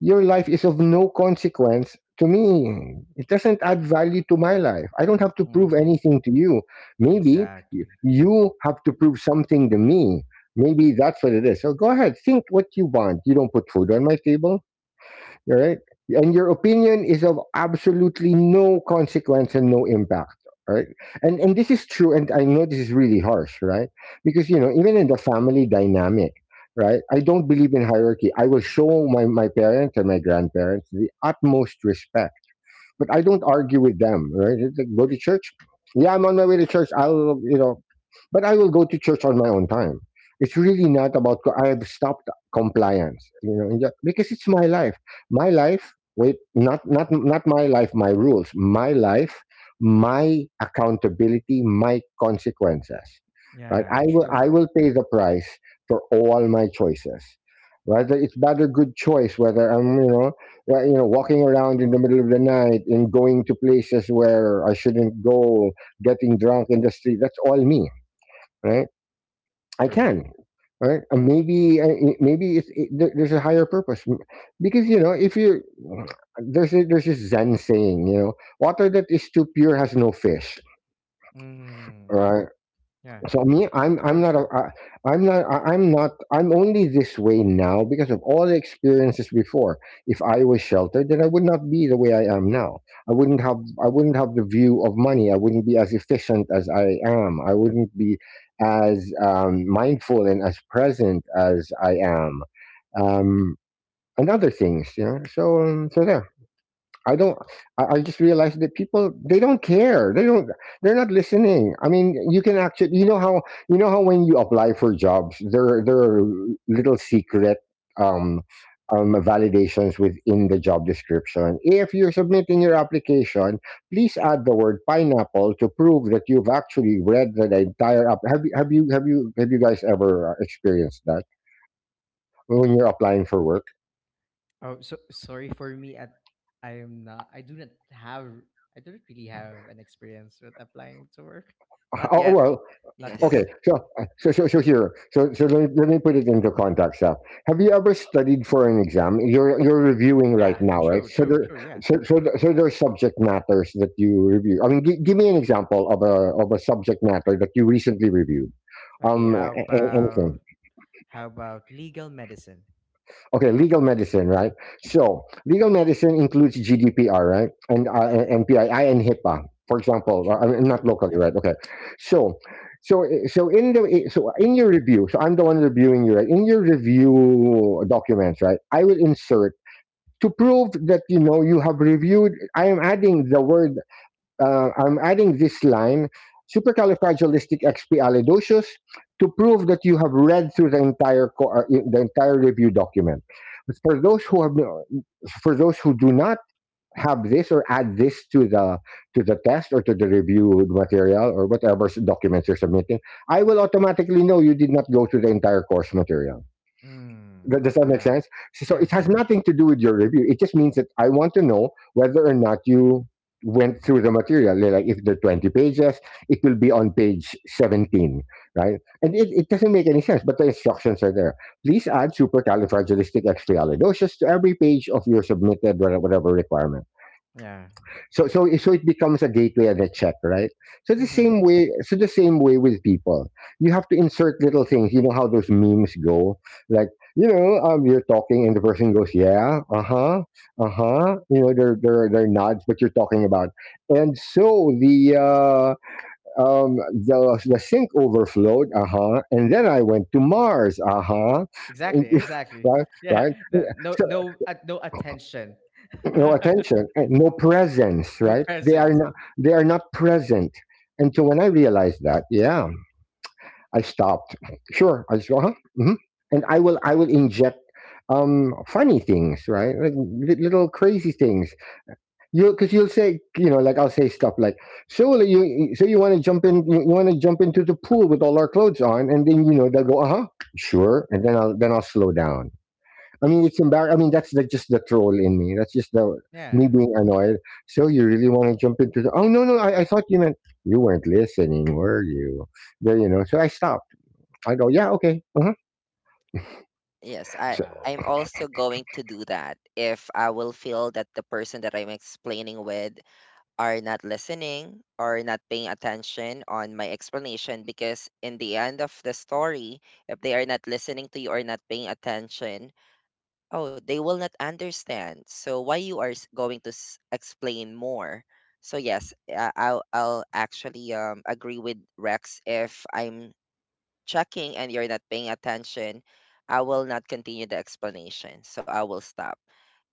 Speaker 2: your life is of no consequence to me. It doesn't add value to my life. I don't have to prove
Speaker 1: Mm-hmm.
Speaker 2: anything to you. Maybe y-
Speaker 1: Exactly.
Speaker 2: you have to prove something to me. Maybe that's what it is. So go ahead, think what you want. You don't put food on my table. All right. And your opinion is of absolutely no consequence and no impact. all Right. And and this is true, and I know this is really harsh, right? Because, you know, even in the family dynamic, right? I don't believe in hierarchy. I will show my, my parents and my grandparents the utmost respect. But I don't argue with them, right? It's like, go to church. Yeah, I'm on my way to church. I'll, you know but I will go to church on my own time. It's really not about, co- I have stopped compliance, you know, and that— because it's my life. My life, wait, not, not, not my life, my rules, my life, my accountability, my consequences, right?
Speaker 1: Yeah,
Speaker 2: I will,
Speaker 1: true.
Speaker 2: I will pay the price for all my choices. Whether it's bad or good choice, whether I'm, you know, uh, you know, walking around in the middle of the night and going to places where I shouldn't go, getting drunk in the street. That's all me, right? I
Speaker 1: True.
Speaker 2: can, right? And maybe I- I- maybe it's, it, there- there's a higher purpose M- Because you know if you there's a, there's this Zen saying, you know, water that is too pure has no fish,
Speaker 1: Mm.
Speaker 2: right?
Speaker 1: Yeah.
Speaker 2: So me, I'm I'm
Speaker 1: True,
Speaker 2: not a,
Speaker 1: true.
Speaker 2: I, I'm not I, I'm not I'm only this way now because of all the experiences before. If I was sheltered, then I would not be the way I am now. I wouldn't have I wouldn't have the view of money. I wouldn't be as efficient as I am. I wouldn't be as um, mindful and as present as I am, um, and other things. You know. So um, so there. I don't. I, I just realized that people, they don't care. They don't. They're not listening. I mean, you can actually— You know how you know how when you apply for jobs, there there are little secret um, um, validations within the job description. If you're submitting your application, please add the word pineapple to prove that you've actually read the entire. App. Have you have you have you have you guys ever uh, experienced that when you're applying for work?
Speaker 1: Oh, so sorry for me. At I am not. I do not have. I don't really have an experience with applying to work. Not
Speaker 2: Oh,
Speaker 1: yet.
Speaker 2: well.
Speaker 1: Not yet.
Speaker 3: Yes.
Speaker 2: Okay, so uh, so so so here, so so let me, let me put it into context. Now, have you ever studied for an exam? You're you're reviewing right
Speaker 1: Yeah.
Speaker 2: now, right?
Speaker 1: True.
Speaker 2: So
Speaker 1: True.
Speaker 2: there,
Speaker 1: True. Yeah.
Speaker 2: so so, th- so there's subject matters that you review. I mean, g- give me an example of a of a subject matter that you recently reviewed.
Speaker 1: Okay.
Speaker 2: Um, a-
Speaker 1: How
Speaker 2: a- anything.
Speaker 1: about how about legal medicine?
Speaker 2: Okay, legal medicine, right? So, legal medicine includes G D P R, right, and uh, and and HIPAA, for example. uh, I
Speaker 1: True.
Speaker 2: mean,
Speaker 1: True.
Speaker 2: not locally,
Speaker 1: Yeah.
Speaker 2: right? Okay. So, so, so in the so in your review, so I'm the one reviewing you, right? In your review documents, right? I will insert to prove that you know you have reviewed. I am adding the word uh, I'm adding this line supercalifragilisticexpialidocious to prove that you have read through the entire co- uh, the entire review document. But for those who have no, For those who do not have this, or add this to the to the test, or to the reviewed material, or whatever s- documents you're submitting, I will automatically know you did not go through the entire course material.
Speaker 1: Mm.
Speaker 2: But does that make
Speaker 1: Yeah.
Speaker 2: sense? So so
Speaker 1: Yeah.
Speaker 2: it has nothing to do with your review. It just means that I want to know whether or not you went through the material. Like if there are twenty pages, it will be on page seventeen, right? And it, it doesn't make any sense, but the instructions are there. Please add supercalifragilisticexpialidocious to every page of your submitted wha- whatever requirement.
Speaker 1: Yeah.
Speaker 2: So so so it becomes a gateway and a check, right? So the
Speaker 1: Mm-hmm.
Speaker 2: same way so the same way with people. You have to insert little things. You know how those memes go? Like, you know, um you're talking and the person goes, yeah, uh-huh, uh-huh. You know, they're they're they're nods, what you're talking about. And so the uh um the the sink overflowed, uh-huh, and then I went to Mars, uh-huh.
Speaker 1: Exactly. Exactly.
Speaker 2: Right,
Speaker 1: Yeah.
Speaker 2: right. Yeah,
Speaker 1: that- No.
Speaker 2: so
Speaker 1: No. uh, No attention.
Speaker 2: no attention and no presence,
Speaker 1: No
Speaker 2: right? they are
Speaker 1: presence.
Speaker 2: not they are not present. And so when I realized that, yeah, I stopped. Sure, I just go, huh, hmm. And i will i will inject um funny things, right? Like li- little crazy things. You Because you'll say, you know like, I'll say stuff like, so like, you so you want to jump in you, you want to jump into the pool with all our clothes on, and then you know they'll go, uh-huh, sure. And then i'll then i'll slow down. I mean, it's embar. I mean, that's like just the troll in me. That's just the Me
Speaker 1: Yeah.
Speaker 2: being annoyed. So you really want to jump into the—? Oh, no, no, I, I thought you meant— you weren't listening, were you? There, you know. So I stopped. I go, yeah, okay, uh-huh.
Speaker 3: Yes. I,
Speaker 2: So
Speaker 3: I'm
Speaker 1: Wow.
Speaker 3: also going to do that if I will feel that the person that I'm explaining with are not listening or not paying attention on my explanation, because in the end of the story, if they are not listening to you or not paying attention, oh, they will not understand. So why you are s- going to s- explain more? So yes, uh, I'll I'll actually um agree with Rex. If I'm checking and you're not paying attention, I will not continue the explanation. So I will stop.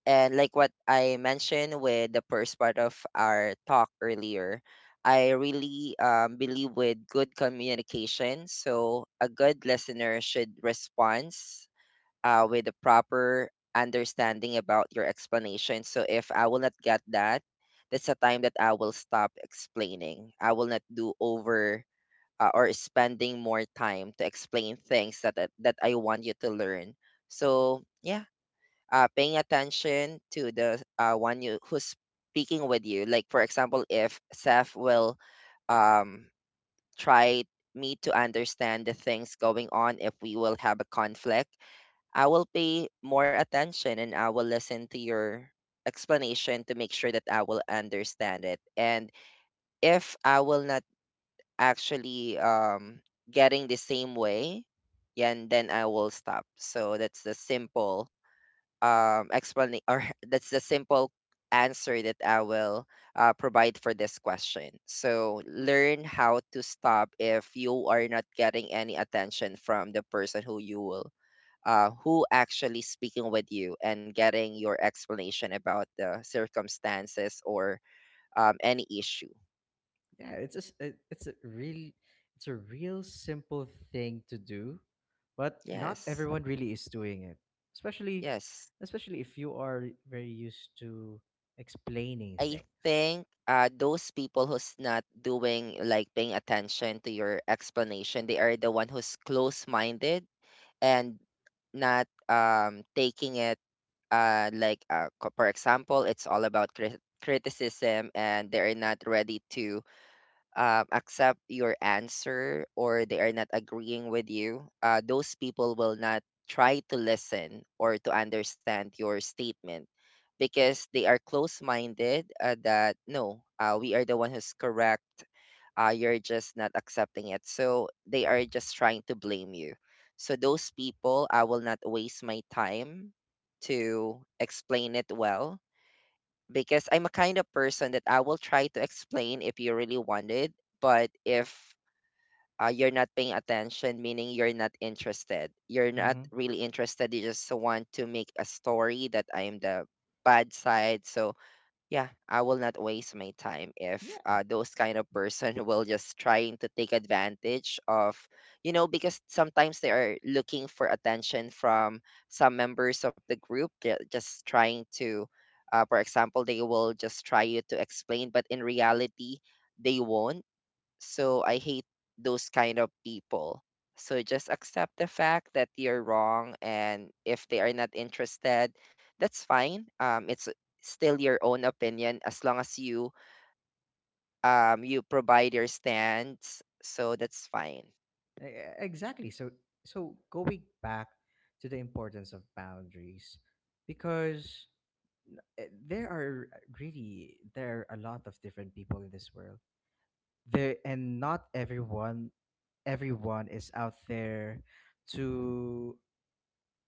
Speaker 3: And like what I mentioned with the first part of our talk earlier, I really um, believe with good communication. So a good listener should respond uh, with a proper understanding about your explanation. So if I will not get that, that's the time that I will stop explaining. I will not do over uh, or spending more time to explain things that that, that I want you to learn. So yeah, uh, paying attention to the uh, one you who's speaking with you. Like for example, if Seth will um, try me to understand the things going on if we will have a conflict, I will pay more attention and I will listen to your explanation to make sure that I will understand it. And if I will not actually um getting the same way, yeah, and then I will stop. So that's the simple um explanation or that's the simple answer that I will uh, provide for this question. So learn how to stop if you are not getting any attention from the person who you will uh, who actually speaking with you and getting your explanation about the circumstances or um, any issue.
Speaker 1: Yeah, it's a, s- it- it's a real, it's a real simple thing to do, but not
Speaker 3: Yes,
Speaker 1: everyone really is doing it, especially,
Speaker 3: yes.
Speaker 1: especially if you are very used to explaining
Speaker 3: I
Speaker 1: things.
Speaker 3: think uh, those people who's not doing like paying attention to your explanation, they are the one who's close-minded and not um, taking it uh, like uh, co- for example, it's all about cri- criticism and they're not ready to um, accept your answer or they are not agreeing with you, uh, those people will not try to listen or to understand your statement because they are close minded uh, that no, uh, we are the one who's correct. Uh, you're just not accepting it. So they are just trying to blame you. So those people, I will not waste my time to explain it well because I'm a kind of person that I will try to explain if you really wanted, but if uh, you're not paying attention, meaning you're not interested, you're not
Speaker 1: Hmm.
Speaker 3: really interested. You just want to make a story that I am the bad side. So yeah, I will not waste my time if
Speaker 1: Yeah.
Speaker 3: uh, those kind of person will just trying to take advantage of, you know, because sometimes they are looking for attention from some members of the group. They're just trying to, uh, for example, they will just try you to explain, but in reality, they won't. So I hate those kind of people. So just accept the fact that you're wrong and if they are not interested, that's fine. Um it's still your own opinion as long as you um you provide your stance. So that's fine.
Speaker 1: E- exactly. So, so going back to the importance of boundaries, because eh, there are uh, really, there are a lot of different people in this world. There, and not everyone, everyone is out there to,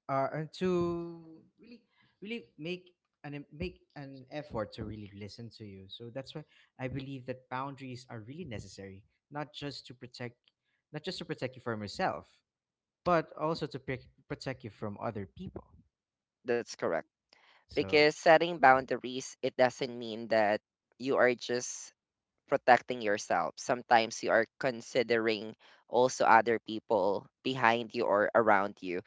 Speaker 1: uh, uh, to really, really make an, make an effort to really listen to you. So that's why I believe that boundaries are really necessary, not just to protect, not just to protect you from yourself, but also to pick, protect you from other people.
Speaker 3: That's correct.
Speaker 1: So
Speaker 3: Because setting boundaries, it doesn't mean that you are just protecting yourself. Sometimes you are considering also other people behind you or around you,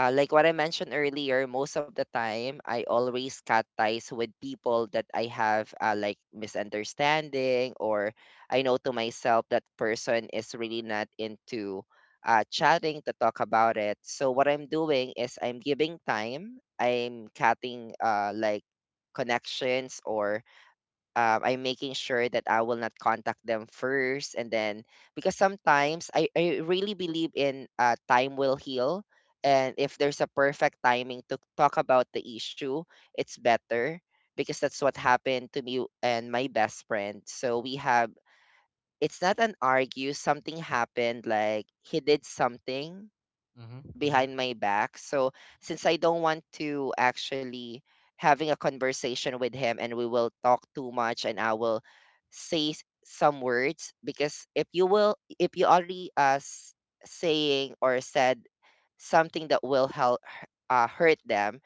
Speaker 3: uh, like what I mentioned earlier, most of the time I always cut ties with people that I have uh, like misunderstanding, or I know to myself that person is really not into uh, chatting to talk about it. So what I'm doing is I'm giving time. I'm cutting uh, like connections or um, I'm making sure that I will not contact them first, and then because sometimes I, I really believe in uh, time will heal, and if there's a perfect timing to talk about the issue, it's better because that's what happened to me and my best friend. So we have, it's not an argue. Something happened, like he did something
Speaker 1: hmm, hmm,
Speaker 3: behind my back. So since I don't want to actually having a conversation with him and we will talk too much and I will say s- some words because if you will if you already uh s- saying or said something that will help uh, hurt them,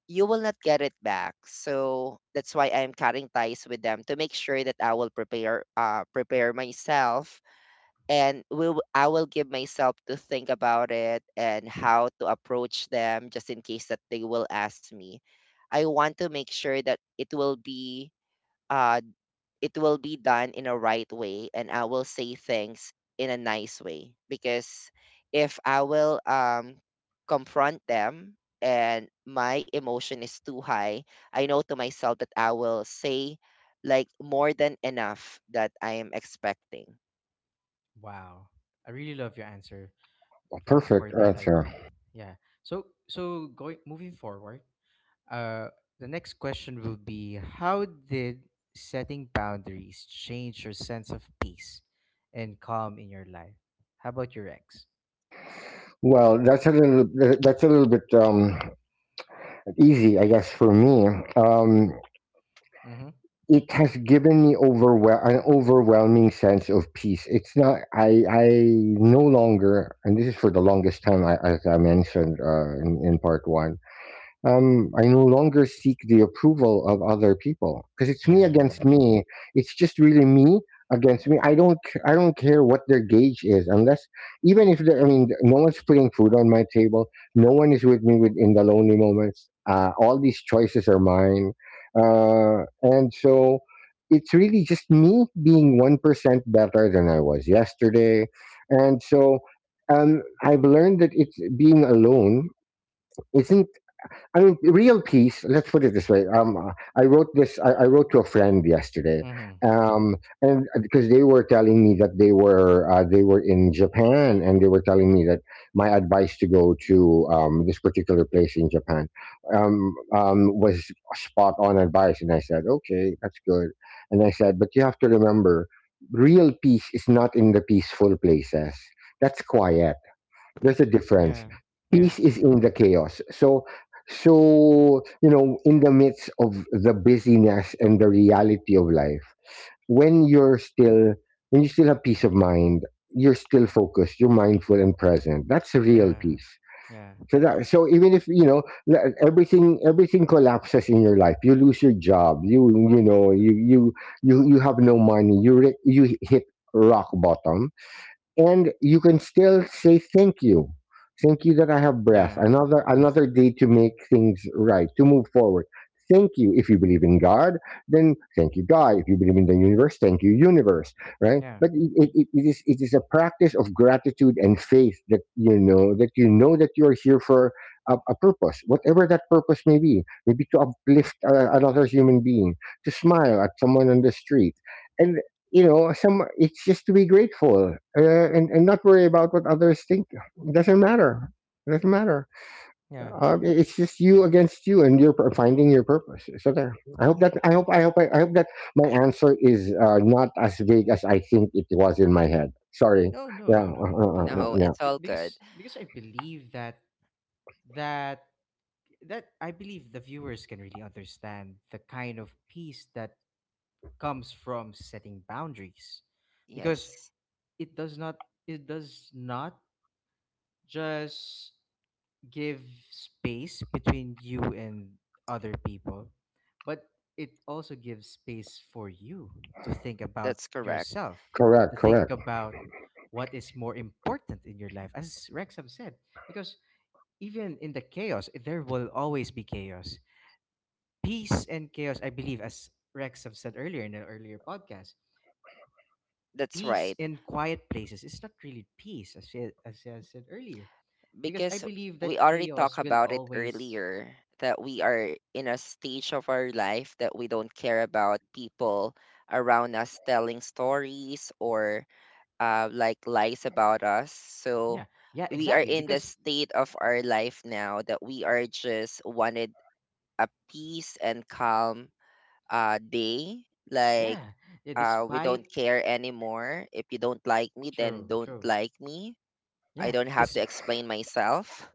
Speaker 3: you will not get it back. So that's why I'm cutting ties with them to make sure that I will prepare, uh prepare myself and will I will give myself to think about it and how to approach them just in case that they will ask me. I want to make sure that it will be uh it will be done in a right way and I will say things in a nice way because if I will um confront them and my emotion is too high, I know to myself that I will say like more than enough that I am expecting.
Speaker 1: wow. I really love your answer for for
Speaker 2: perfect
Speaker 1: that,
Speaker 2: answer.
Speaker 1: Ike. Yeah. So, so going, moving forward, Uh, the next question will be, how did setting boundaries change your sense of peace and calm in your life? How about your ex?
Speaker 2: Well, that's a little. That's a little bit um, easy, I guess, for me. Um,
Speaker 1: Mm-hmm.
Speaker 2: it has given me overwhel- an overwhelming sense of peace. It's not— I. I no longer— and this is for the longest time. I, as I mentioned uh, in, in part one, um, I no longer seek the approval of other people, because it's me
Speaker 1: Yeah.
Speaker 2: against me. It's just really me against me. I don't c- I don't care what their gauge is, unless— even if they- I mean, no one's putting food on my table, no one is with me, with in the lonely moments. Uh, all these choices are mine, uh, and so it's really just me being one percent better than I was yesterday, and so. Um, I've learned that it's being alone isn't I mean, real peace. Let's put it this way. Um, uh, I wrote this. I, I wrote to a friend yesterday,
Speaker 1: Mm-hmm.
Speaker 2: um, and uh, because they were telling me that they were uh, they were in Japan, and they were telling me that my advice to go to um, this particular place in Japan um, um, was spot on advice, and I said, okay, that's good. And I said, but you have to remember, real peace is not in the peaceful places. That's quiet. There's a difference.
Speaker 1: Yeah. Yeah.
Speaker 2: Peace is in the chaos. So, so, you know, in the midst of the busyness and the reality of life, when you're still, when you still have peace of mind, you're still focused, you're mindful and present. That's a real
Speaker 1: Yeah.
Speaker 2: peace.
Speaker 1: Yeah.
Speaker 2: So that, so even if you know le- everything, everything collapses in your life. You lose your job. You you know you you you you have no money. You re- you hit rock bottom, and you can still say thank you, thank you that I have breath
Speaker 1: Yeah.
Speaker 2: another another day to make things right, to move forward. Thank you. If you believe in God, then thank you, God. If you believe in the universe, thank you, universe. Right,
Speaker 1: Yeah.
Speaker 2: but it, it, it it is, it is a practice of gratitude and faith, that you know, that you know that you are here for a, a purpose, whatever that purpose may be. Maybe to uplift uh, another human being, to smile at someone on the street. And you know, some it's just to be grateful, uh, and, and not worry about what others think. It doesn't matter. It doesn't matter.
Speaker 1: Yeah.
Speaker 2: Uh, it's just you against you, and you're p- finding your purpose. So there, I hope that I hope I hope I, I hope that my answer is uh, not as vague as I think it was in my head. Sorry.
Speaker 1: No, no,
Speaker 2: Yeah. Uh,
Speaker 1: no, no, no,
Speaker 2: uh,
Speaker 1: no, no,
Speaker 2: uh, uh,
Speaker 3: No,
Speaker 1: no.
Speaker 2: yeah.
Speaker 3: it's
Speaker 1: Be-
Speaker 3: all good.
Speaker 1: Because because I believe that that that I believe the viewers can really understand the kind of peace that comes from setting boundaries, because
Speaker 3: Yes,
Speaker 1: it does not it does not just give space between you and other people, but it also gives space for you to think about
Speaker 3: that's correct.
Speaker 1: yourself,
Speaker 2: Correct,
Speaker 1: to think
Speaker 2: correct.
Speaker 1: about what is more important in your life, as Rexham said. Because even in the chaos, there will always be chaos. Peace and chaos, I believe, as Rexham said earlier in an earlier podcast,
Speaker 3: That's
Speaker 1: peace
Speaker 3: right.
Speaker 1: in quiet places is not really peace, as she, as she has said earlier, because I
Speaker 3: Because
Speaker 1: believe
Speaker 3: we
Speaker 1: that
Speaker 3: already talked
Speaker 1: chaos will
Speaker 3: about it
Speaker 1: always.
Speaker 3: earlier that we are in a stage of our life that we don't care about people around us telling stories or uh, like lies about us.
Speaker 1: Yeah,
Speaker 3: So
Speaker 1: yeah,
Speaker 3: we are
Speaker 1: exactly,
Speaker 3: in the
Speaker 1: because
Speaker 3: state of our life now that we are just wanted a peace and calm uh, day. Like
Speaker 1: yeah, yeah,
Speaker 3: uh, we don't
Speaker 1: despite.
Speaker 3: care anymore. If you don't like me, then
Speaker 1: True,
Speaker 3: don't
Speaker 1: true.
Speaker 3: like me. I
Speaker 1: Yeah,
Speaker 3: don't have
Speaker 1: this,
Speaker 3: to explain myself.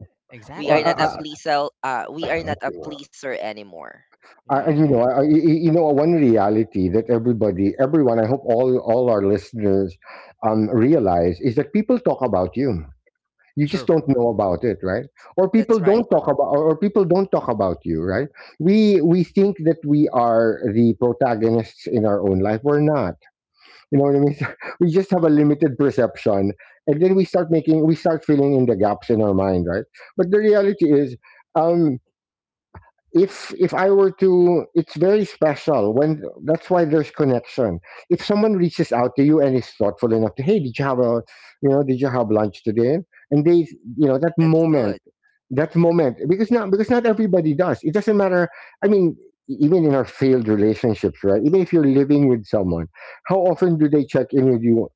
Speaker 3: We
Speaker 2: uh,
Speaker 3: are
Speaker 1: exactly
Speaker 3: not a
Speaker 1: this.
Speaker 2: uh,
Speaker 3: pleaser. Uh, we are not a
Speaker 2: uh,
Speaker 3: pleaser anymore.
Speaker 2: I, I-
Speaker 1: Yeah,
Speaker 2: you know,
Speaker 1: yeah.
Speaker 2: I, I- y- you know, one reality that everybody, everyone, I hope all all our listeners um, realize, is that people talk about you. You just
Speaker 1: True.
Speaker 2: don't know about it, right? Or people
Speaker 3: That's right.
Speaker 2: don't talk about, or or people don't talk about you, right? We we think that we are the protagonists in our own life. We're not. You know what I mean? we just have a limited perception, and then we start making, we start filling in the gaps in our mind, right? But the reality is. Um, if if I were to, it's very special when, that's why there's connection. If someone reaches out to you and is thoughtful enough to, hey, did you have a, you know, did you have lunch today? And they, you know, that
Speaker 3: That's
Speaker 2: moment,
Speaker 3: good.
Speaker 2: that moment, because not because not everybody does. It doesn't matter. I mean, e- even in our failed relationships, right? Even if you're living with someone, how often do they check in with you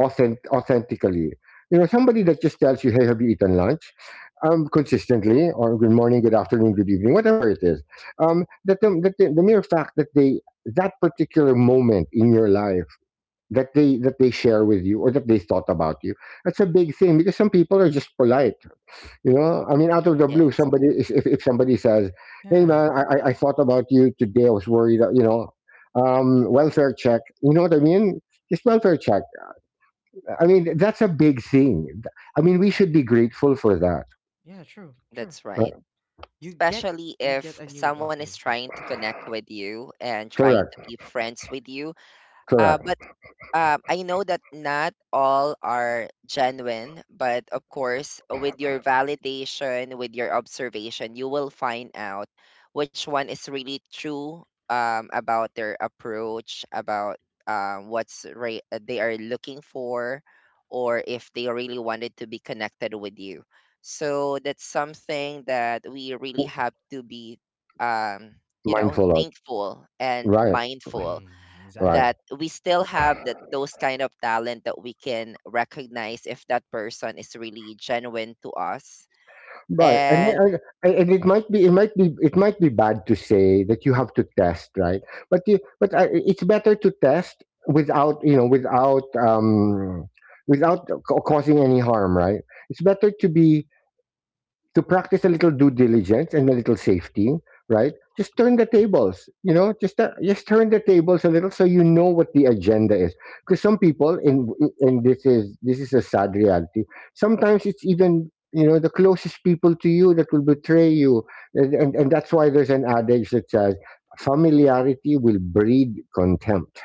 Speaker 2: authent- authentically? You know, somebody that just tells you, "Hey, have you eaten lunch?" Um, consistently, or "Good morning, good afternoon, good evening," whatever it is. Um, that the, that the, the mere fact that they that particular moment in your life, that they that they share with you, or that they thought about you, that's a big thing, because some people are just polite. You know, I mean, out of the blue
Speaker 3: Yes,
Speaker 2: somebody is- if, if somebody says, hey
Speaker 1: Yeah,
Speaker 2: man, I, I I thought about you today, I was worried, uh, you know, um, welfare check, you know what I mean. Just welfare check. I mean, that's a big thing. I mean, we should be grateful for that.
Speaker 1: yeah. True, true.
Speaker 3: that's
Speaker 2: Uh,
Speaker 3: right.
Speaker 1: You get,
Speaker 3: Especially
Speaker 1: you get
Speaker 3: if
Speaker 1: a new,
Speaker 3: someone is
Speaker 1: okay, go,
Speaker 3: trying to
Speaker 1: okay.
Speaker 3: connect with you and trying to
Speaker 2: Correct,
Speaker 3: be friends with you. Uh,
Speaker 2: correct.
Speaker 3: but um, I know that not all are genuine, but of course, with your validation, with your observation, you will find out which one is really true, um, about their approach, about um, what's re- uh, they are looking for, or if they really wanted to be connected with you. So that's something that we really
Speaker 2: W-
Speaker 3: have to be, um, you know,
Speaker 2: Mindful of,
Speaker 3: thankful and
Speaker 2: right,
Speaker 3: mindful
Speaker 1: Mm, exactly,
Speaker 2: right,
Speaker 3: that we still have that those kind of talent that we can recognize if that person is really genuine to us.
Speaker 2: right. And
Speaker 3: And
Speaker 2: and, and it might be, it might be, it might be bad to say that you have to test, right? But you, but uh, it's better to test without, you know, without, um, without ca- causing any harm, right? It's better to be, to practice a little due diligence and a little safety, right? Just turn the tables, you know, just uh, just turn the tables a little, so you know what the agenda is. Because some people in, and this is, this is a sad reality. Sometimes it's even, you know, the closest people to you that will betray you, and and, and that's why there's an adage that says familiarity will breed contempt,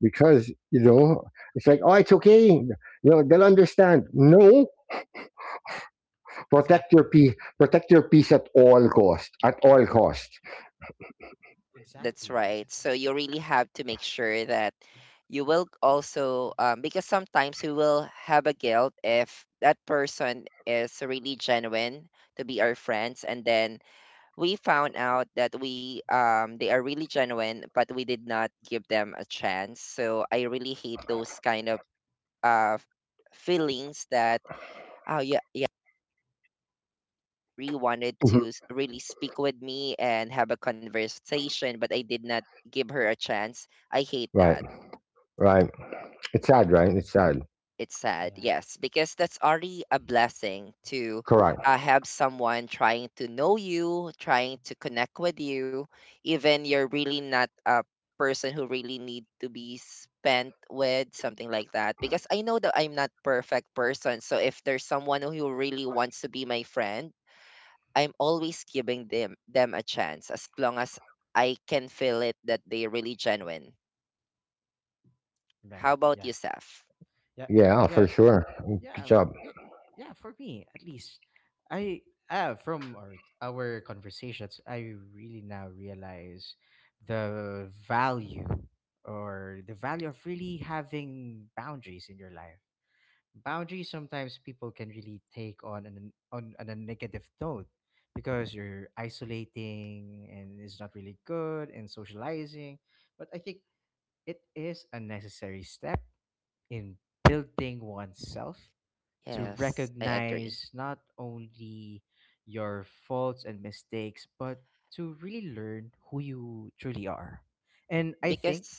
Speaker 2: because, you know, it's like, oh, it's okay, you know, they'll understand. No. Protect your
Speaker 1: exactly,
Speaker 2: peace. Protect your peace at all cost. At all cost.
Speaker 3: that's
Speaker 1: exactly,
Speaker 3: right, so
Speaker 1: exactly.
Speaker 3: you really have to make sure that you will also, um, because sometimes we will have a guilt if that person is really genuine to be our friends and then we found out that we um they are really genuine but we did not give them a chance. So I really hate those kind of uh, f- feelings that oh yeah yeah, Marie wanted to
Speaker 2: Mhm.
Speaker 3: s- really speak with me and have a conversation, but I did not give her a chance. I hate
Speaker 2: Right.
Speaker 3: that.
Speaker 2: Right. It's sad, right?
Speaker 1: Mm,
Speaker 2: It's sad.
Speaker 3: It's sad,
Speaker 1: yeah,
Speaker 3: yes, because that's already a blessing to
Speaker 2: Correct.
Speaker 3: uh, have someone trying to know you, trying to connect with you, even you're really not a person who really need to be spent with something like that. Because I know that I'm not perfect person, so if there's someone who really wants to be my friend, I'm always giving them them a chance as long as I can feel it that they're really genuine.
Speaker 1: yeah,
Speaker 3: How about
Speaker 1: yeah,
Speaker 3: you, Seth?
Speaker 1: yeah,
Speaker 2: Yeah,
Speaker 1: yeah.
Speaker 2: for sure.
Speaker 1: yeah,
Speaker 2: Good
Speaker 1: f-
Speaker 2: job.
Speaker 1: y- yeah, for me at least, I, uh, from our our conversations, I really now realize the value, or the value of really having boundaries in your life. Boundaries, sometimes people can really take on an on, on a negative note because you're isolating and it's not really good and socializing. But I think it is a necessary step in building oneself, to
Speaker 3: Yes, I agree
Speaker 1: recognize not only your faults and mistakes, but to really learn who you truly are. And I think,
Speaker 3: because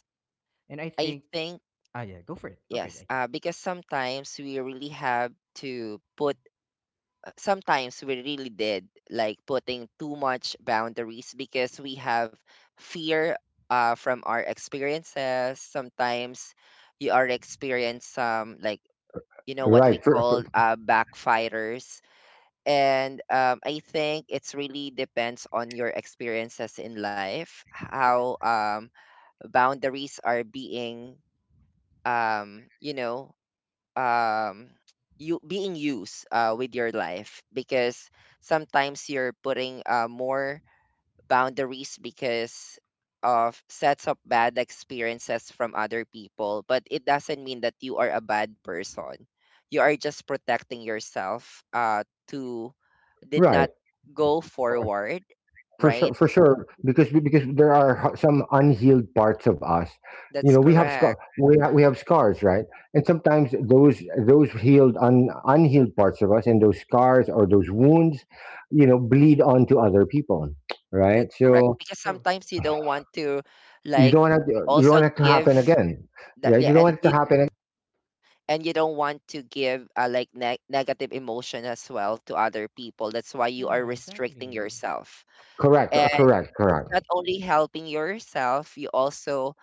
Speaker 1: and I
Speaker 3: I
Speaker 1: think,
Speaker 3: think
Speaker 1: ah, yeah, go for it, go for it,
Speaker 3: yes,
Speaker 1: Aki.
Speaker 3: uh, because sometimes we really have to put. uh, Sometimes we really did like putting too much boundaries because we have fear uh, from our experiences. Sometimes you are experience some like you know what we
Speaker 2: Right. For, for-
Speaker 3: call uh, backfires, and um, I think it's really depends on your experiences in life how, um, boundaries are being um you know um you being used uh, with your life because sometimes you're putting uh, more boundaries because of sets of bad experiences from other people, but it doesn't mean that you are a bad person. You are just protecting yourself uh to did not
Speaker 2: right.
Speaker 3: go forward,
Speaker 2: For sure,
Speaker 3: right?
Speaker 2: for sure because because there are ho- some unhealed parts of us. You
Speaker 3: That's
Speaker 2: know, we have scar
Speaker 3: correct.
Speaker 2: we, ha- we have scars, right? And sometimes those, those healed un, unhealed parts of us, and those scars or those wounds, you know, bleed onto other people, right?
Speaker 3: That's correct,
Speaker 2: So
Speaker 3: because
Speaker 1: True.
Speaker 3: sometimes you don't want to
Speaker 2: you
Speaker 3: like
Speaker 2: don't want to, you don't
Speaker 3: also
Speaker 2: want it to
Speaker 3: give
Speaker 2: happen again.
Speaker 3: that,
Speaker 2: Right,
Speaker 3: yeah,
Speaker 2: you don't
Speaker 3: and
Speaker 2: want it to
Speaker 3: you,
Speaker 1: Yeah,
Speaker 2: happen.
Speaker 3: and you don't want to give, uh, like ne- negative emotion as well to other people. That's why you are
Speaker 1: yeah,
Speaker 3: restricting
Speaker 1: exactly.
Speaker 3: yourself,
Speaker 2: Correct, uh,
Speaker 3: and
Speaker 2: correct,
Speaker 3: it's
Speaker 2: correct.
Speaker 3: not only helping yourself, you also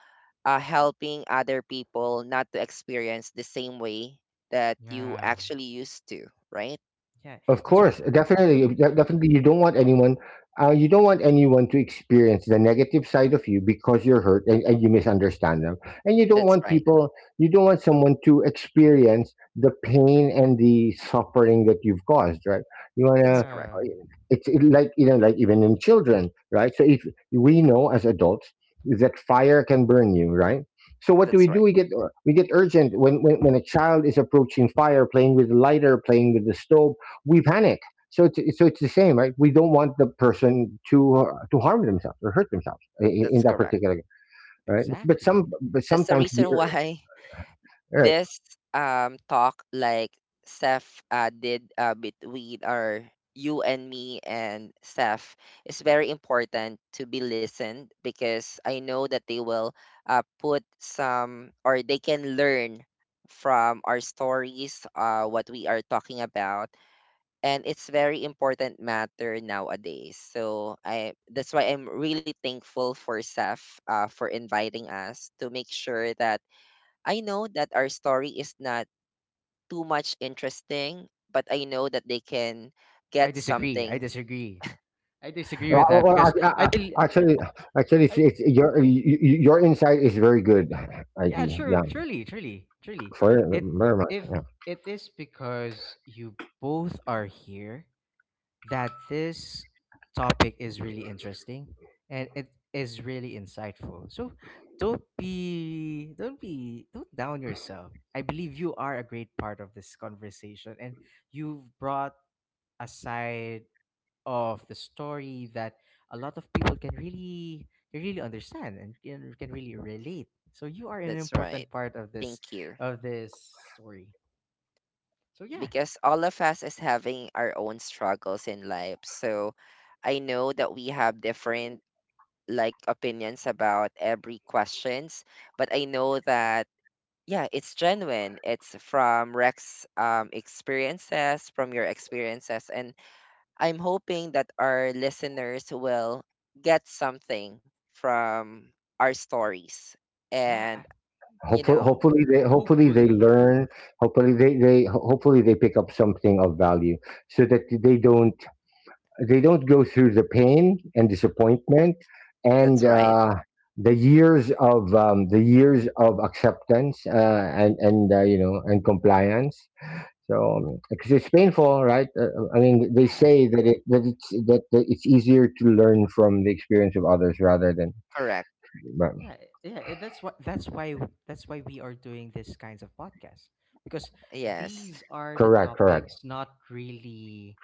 Speaker 3: are helping other people not to experience the same way that you
Speaker 1: Yeah,
Speaker 3: actually used to, right?
Speaker 1: yeah,
Speaker 2: Of
Speaker 1: it's re-
Speaker 2: course, definitely,
Speaker 1: yeah,
Speaker 2: de- definitely. You don't want anyone, uh, you don't want anyone to experience the negative side of you, because you're hurt, and, and you misunderstand them, and you don't
Speaker 3: That's
Speaker 2: want
Speaker 3: right.
Speaker 2: people, you don't want someone to experience the pain and the suffering that you've caused, right? You wanna,
Speaker 3: That's
Speaker 2: uh,
Speaker 3: correct.
Speaker 1: yeah,
Speaker 2: it's it, like, you know, like even in children, right? So if we know as adults that fire can burn you, right? So what do
Speaker 3: That's
Speaker 2: we do?
Speaker 3: right.
Speaker 2: We get, we get urgent when, when when a child is approaching fire, playing with lighter, playing with the stove, we panic. So it's, so it's the same, right? We don't want the person to, uh, to harm themselves or hurt themselves in,
Speaker 3: That's
Speaker 2: in that
Speaker 3: correct.
Speaker 2: particular, right? But, but
Speaker 1: exactly.
Speaker 2: some but
Speaker 3: That's the
Speaker 2: sometimes the
Speaker 3: reason why
Speaker 2: right.
Speaker 3: this um talk like Seth uh, did uh, between our, you and me and Seth, is very important to be listened because I know that they will uh, put some or they can learn from our stories, uh, what we are talking about, and it's very important matter nowadays. So I, that's why I'm really thankful for Seth, uh, for inviting us to make sure that I know that our story is not too much interesting, but I know that they can
Speaker 1: I
Speaker 3: get
Speaker 1: disagree. I
Speaker 3: something.
Speaker 1: disagree. I disagree
Speaker 2: Well,
Speaker 1: with
Speaker 2: well,
Speaker 1: that
Speaker 2: well,
Speaker 1: because
Speaker 2: ac- a-
Speaker 1: I believe.
Speaker 2: a- actually, actually, it's,
Speaker 1: I.
Speaker 2: it's your you- you- your insight is very good,
Speaker 1: Yeah,
Speaker 2: I D.
Speaker 1: true,
Speaker 2: Yeah,
Speaker 1: truly, truly, truly.
Speaker 2: for
Speaker 1: It,
Speaker 2: very much.
Speaker 1: if
Speaker 2: Yeah.
Speaker 1: it is because you both are here that this topic is really interesting and it is really insightful. So don't be don't be don't down yourself. I believe you are a great part of this conversation, and you've brought aside of the story that a lot of people can really, can really understand and can, can really relate. So you are an
Speaker 3: That's
Speaker 1: important
Speaker 3: right.
Speaker 1: part of this,
Speaker 3: Thank you.
Speaker 1: of this story. So yeah,
Speaker 3: Because all of us is having our own struggles in life. So I know that we have different like opinions about every questions, but I know that yeah, it's genuine. It's from Rex um experiences, from your experiences and I'm hoping that our listeners will get something from our stories.
Speaker 1: yeah,
Speaker 3: And,
Speaker 1: I,
Speaker 3: you
Speaker 2: Hopefully,
Speaker 3: know,
Speaker 2: hopefully they, hopefully they
Speaker 1: hopefully.
Speaker 2: learn. Hopefully they they hopefully they pick up something of value, so that they don't, they don't go through the pain and disappointment,
Speaker 3: that's
Speaker 2: and
Speaker 3: right.
Speaker 2: uh, the years of, um, the years of acceptance, uh, and and uh, you know, and compliance. So um, because it's painful, right? Uh, uh, I mean, they
Speaker 1: Yeah,
Speaker 2: say that it, that
Speaker 1: yeah.
Speaker 2: it's that that it's easier to learn from the experience of others rather than,
Speaker 3: Correct.
Speaker 2: but,
Speaker 1: Yeah, yeah, eh, that's what that's why that's why we are doing these kinds of podcasts, because
Speaker 3: Yes,
Speaker 1: these are the
Speaker 2: correct, correct,
Speaker 1: topics not really,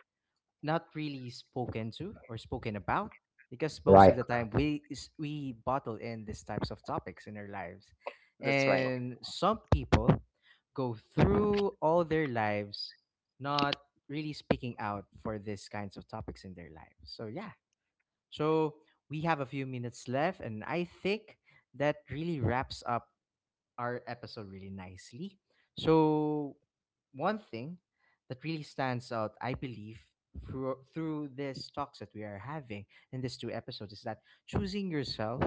Speaker 1: not really spoken to or spoken about, because most of
Speaker 2: right.
Speaker 1: the time we is- we bottle in these types of topics in our lives,
Speaker 3: that's right.
Speaker 1: and some people go through all their lives not really speaking out for these kinds of topics in their lives. So yeah, so we have a few minutes left, and I think that really wraps up our episode really nicely. So, one thing that really stands out, I believe, through, through these talks that we are having in these two episodes, is that choosing yourself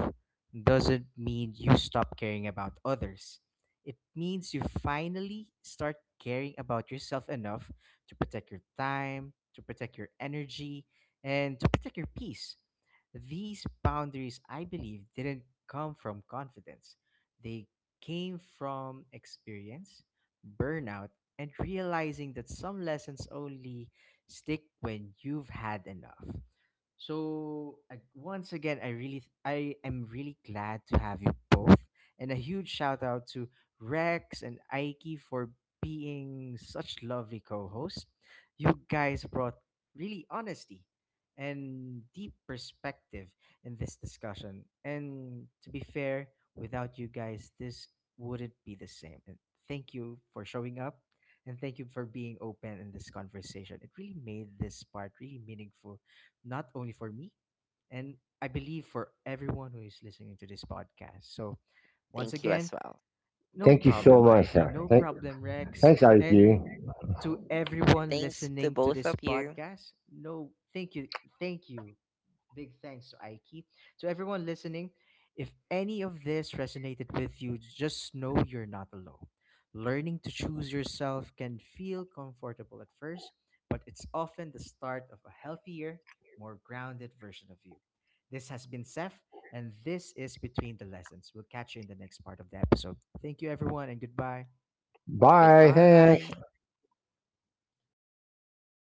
Speaker 1: doesn't mean you stop caring about others. It means you finally start caring about yourself enough to protect your time, to protect your energy, and to protect your peace. These boundaries, I believe, didn't come from confidence. They came from experience, burnout, and realizing that some lessons only stick when you've had enough. So I, once again, I really, th- I am really glad to have you both, and a huge shout out to Rex and Aiki for being such lovely co-hosts. You guys brought really honesty and deep perspective in this discussion. And to be fair, without you guys, this wouldn't be the same. And thank you for showing up, and thank you for being open in this conversation. It really made this part really meaningful, not only for me, and I believe for everyone who is listening to this podcast. So, once
Speaker 3: Thank you
Speaker 1: again,
Speaker 3: as well.
Speaker 1: no
Speaker 2: Thank you so
Speaker 1: problem,
Speaker 2: much,
Speaker 1: Aiki.
Speaker 2: sir.
Speaker 1: No
Speaker 2: Thank,
Speaker 1: problem, Rex.
Speaker 2: thanks, Ariki.
Speaker 1: And to everyone
Speaker 3: Thanks to
Speaker 1: listening to
Speaker 3: both of
Speaker 1: this
Speaker 3: you.
Speaker 1: podcast, no, thank you. Thank you. Big thanks to Aiki. To everyone listening, if any of this resonated with you, just know you're not alone. Learning to choose yourself can feel comfortable at first, but it's often the start of a healthier, more grounded version of you. This has been Seth, and this is Between the Lessons. We'll catch you in the next part of the episode. Thank you, everyone, and goodbye.
Speaker 2: Bye.
Speaker 3: Goodbye.
Speaker 2: Thanks.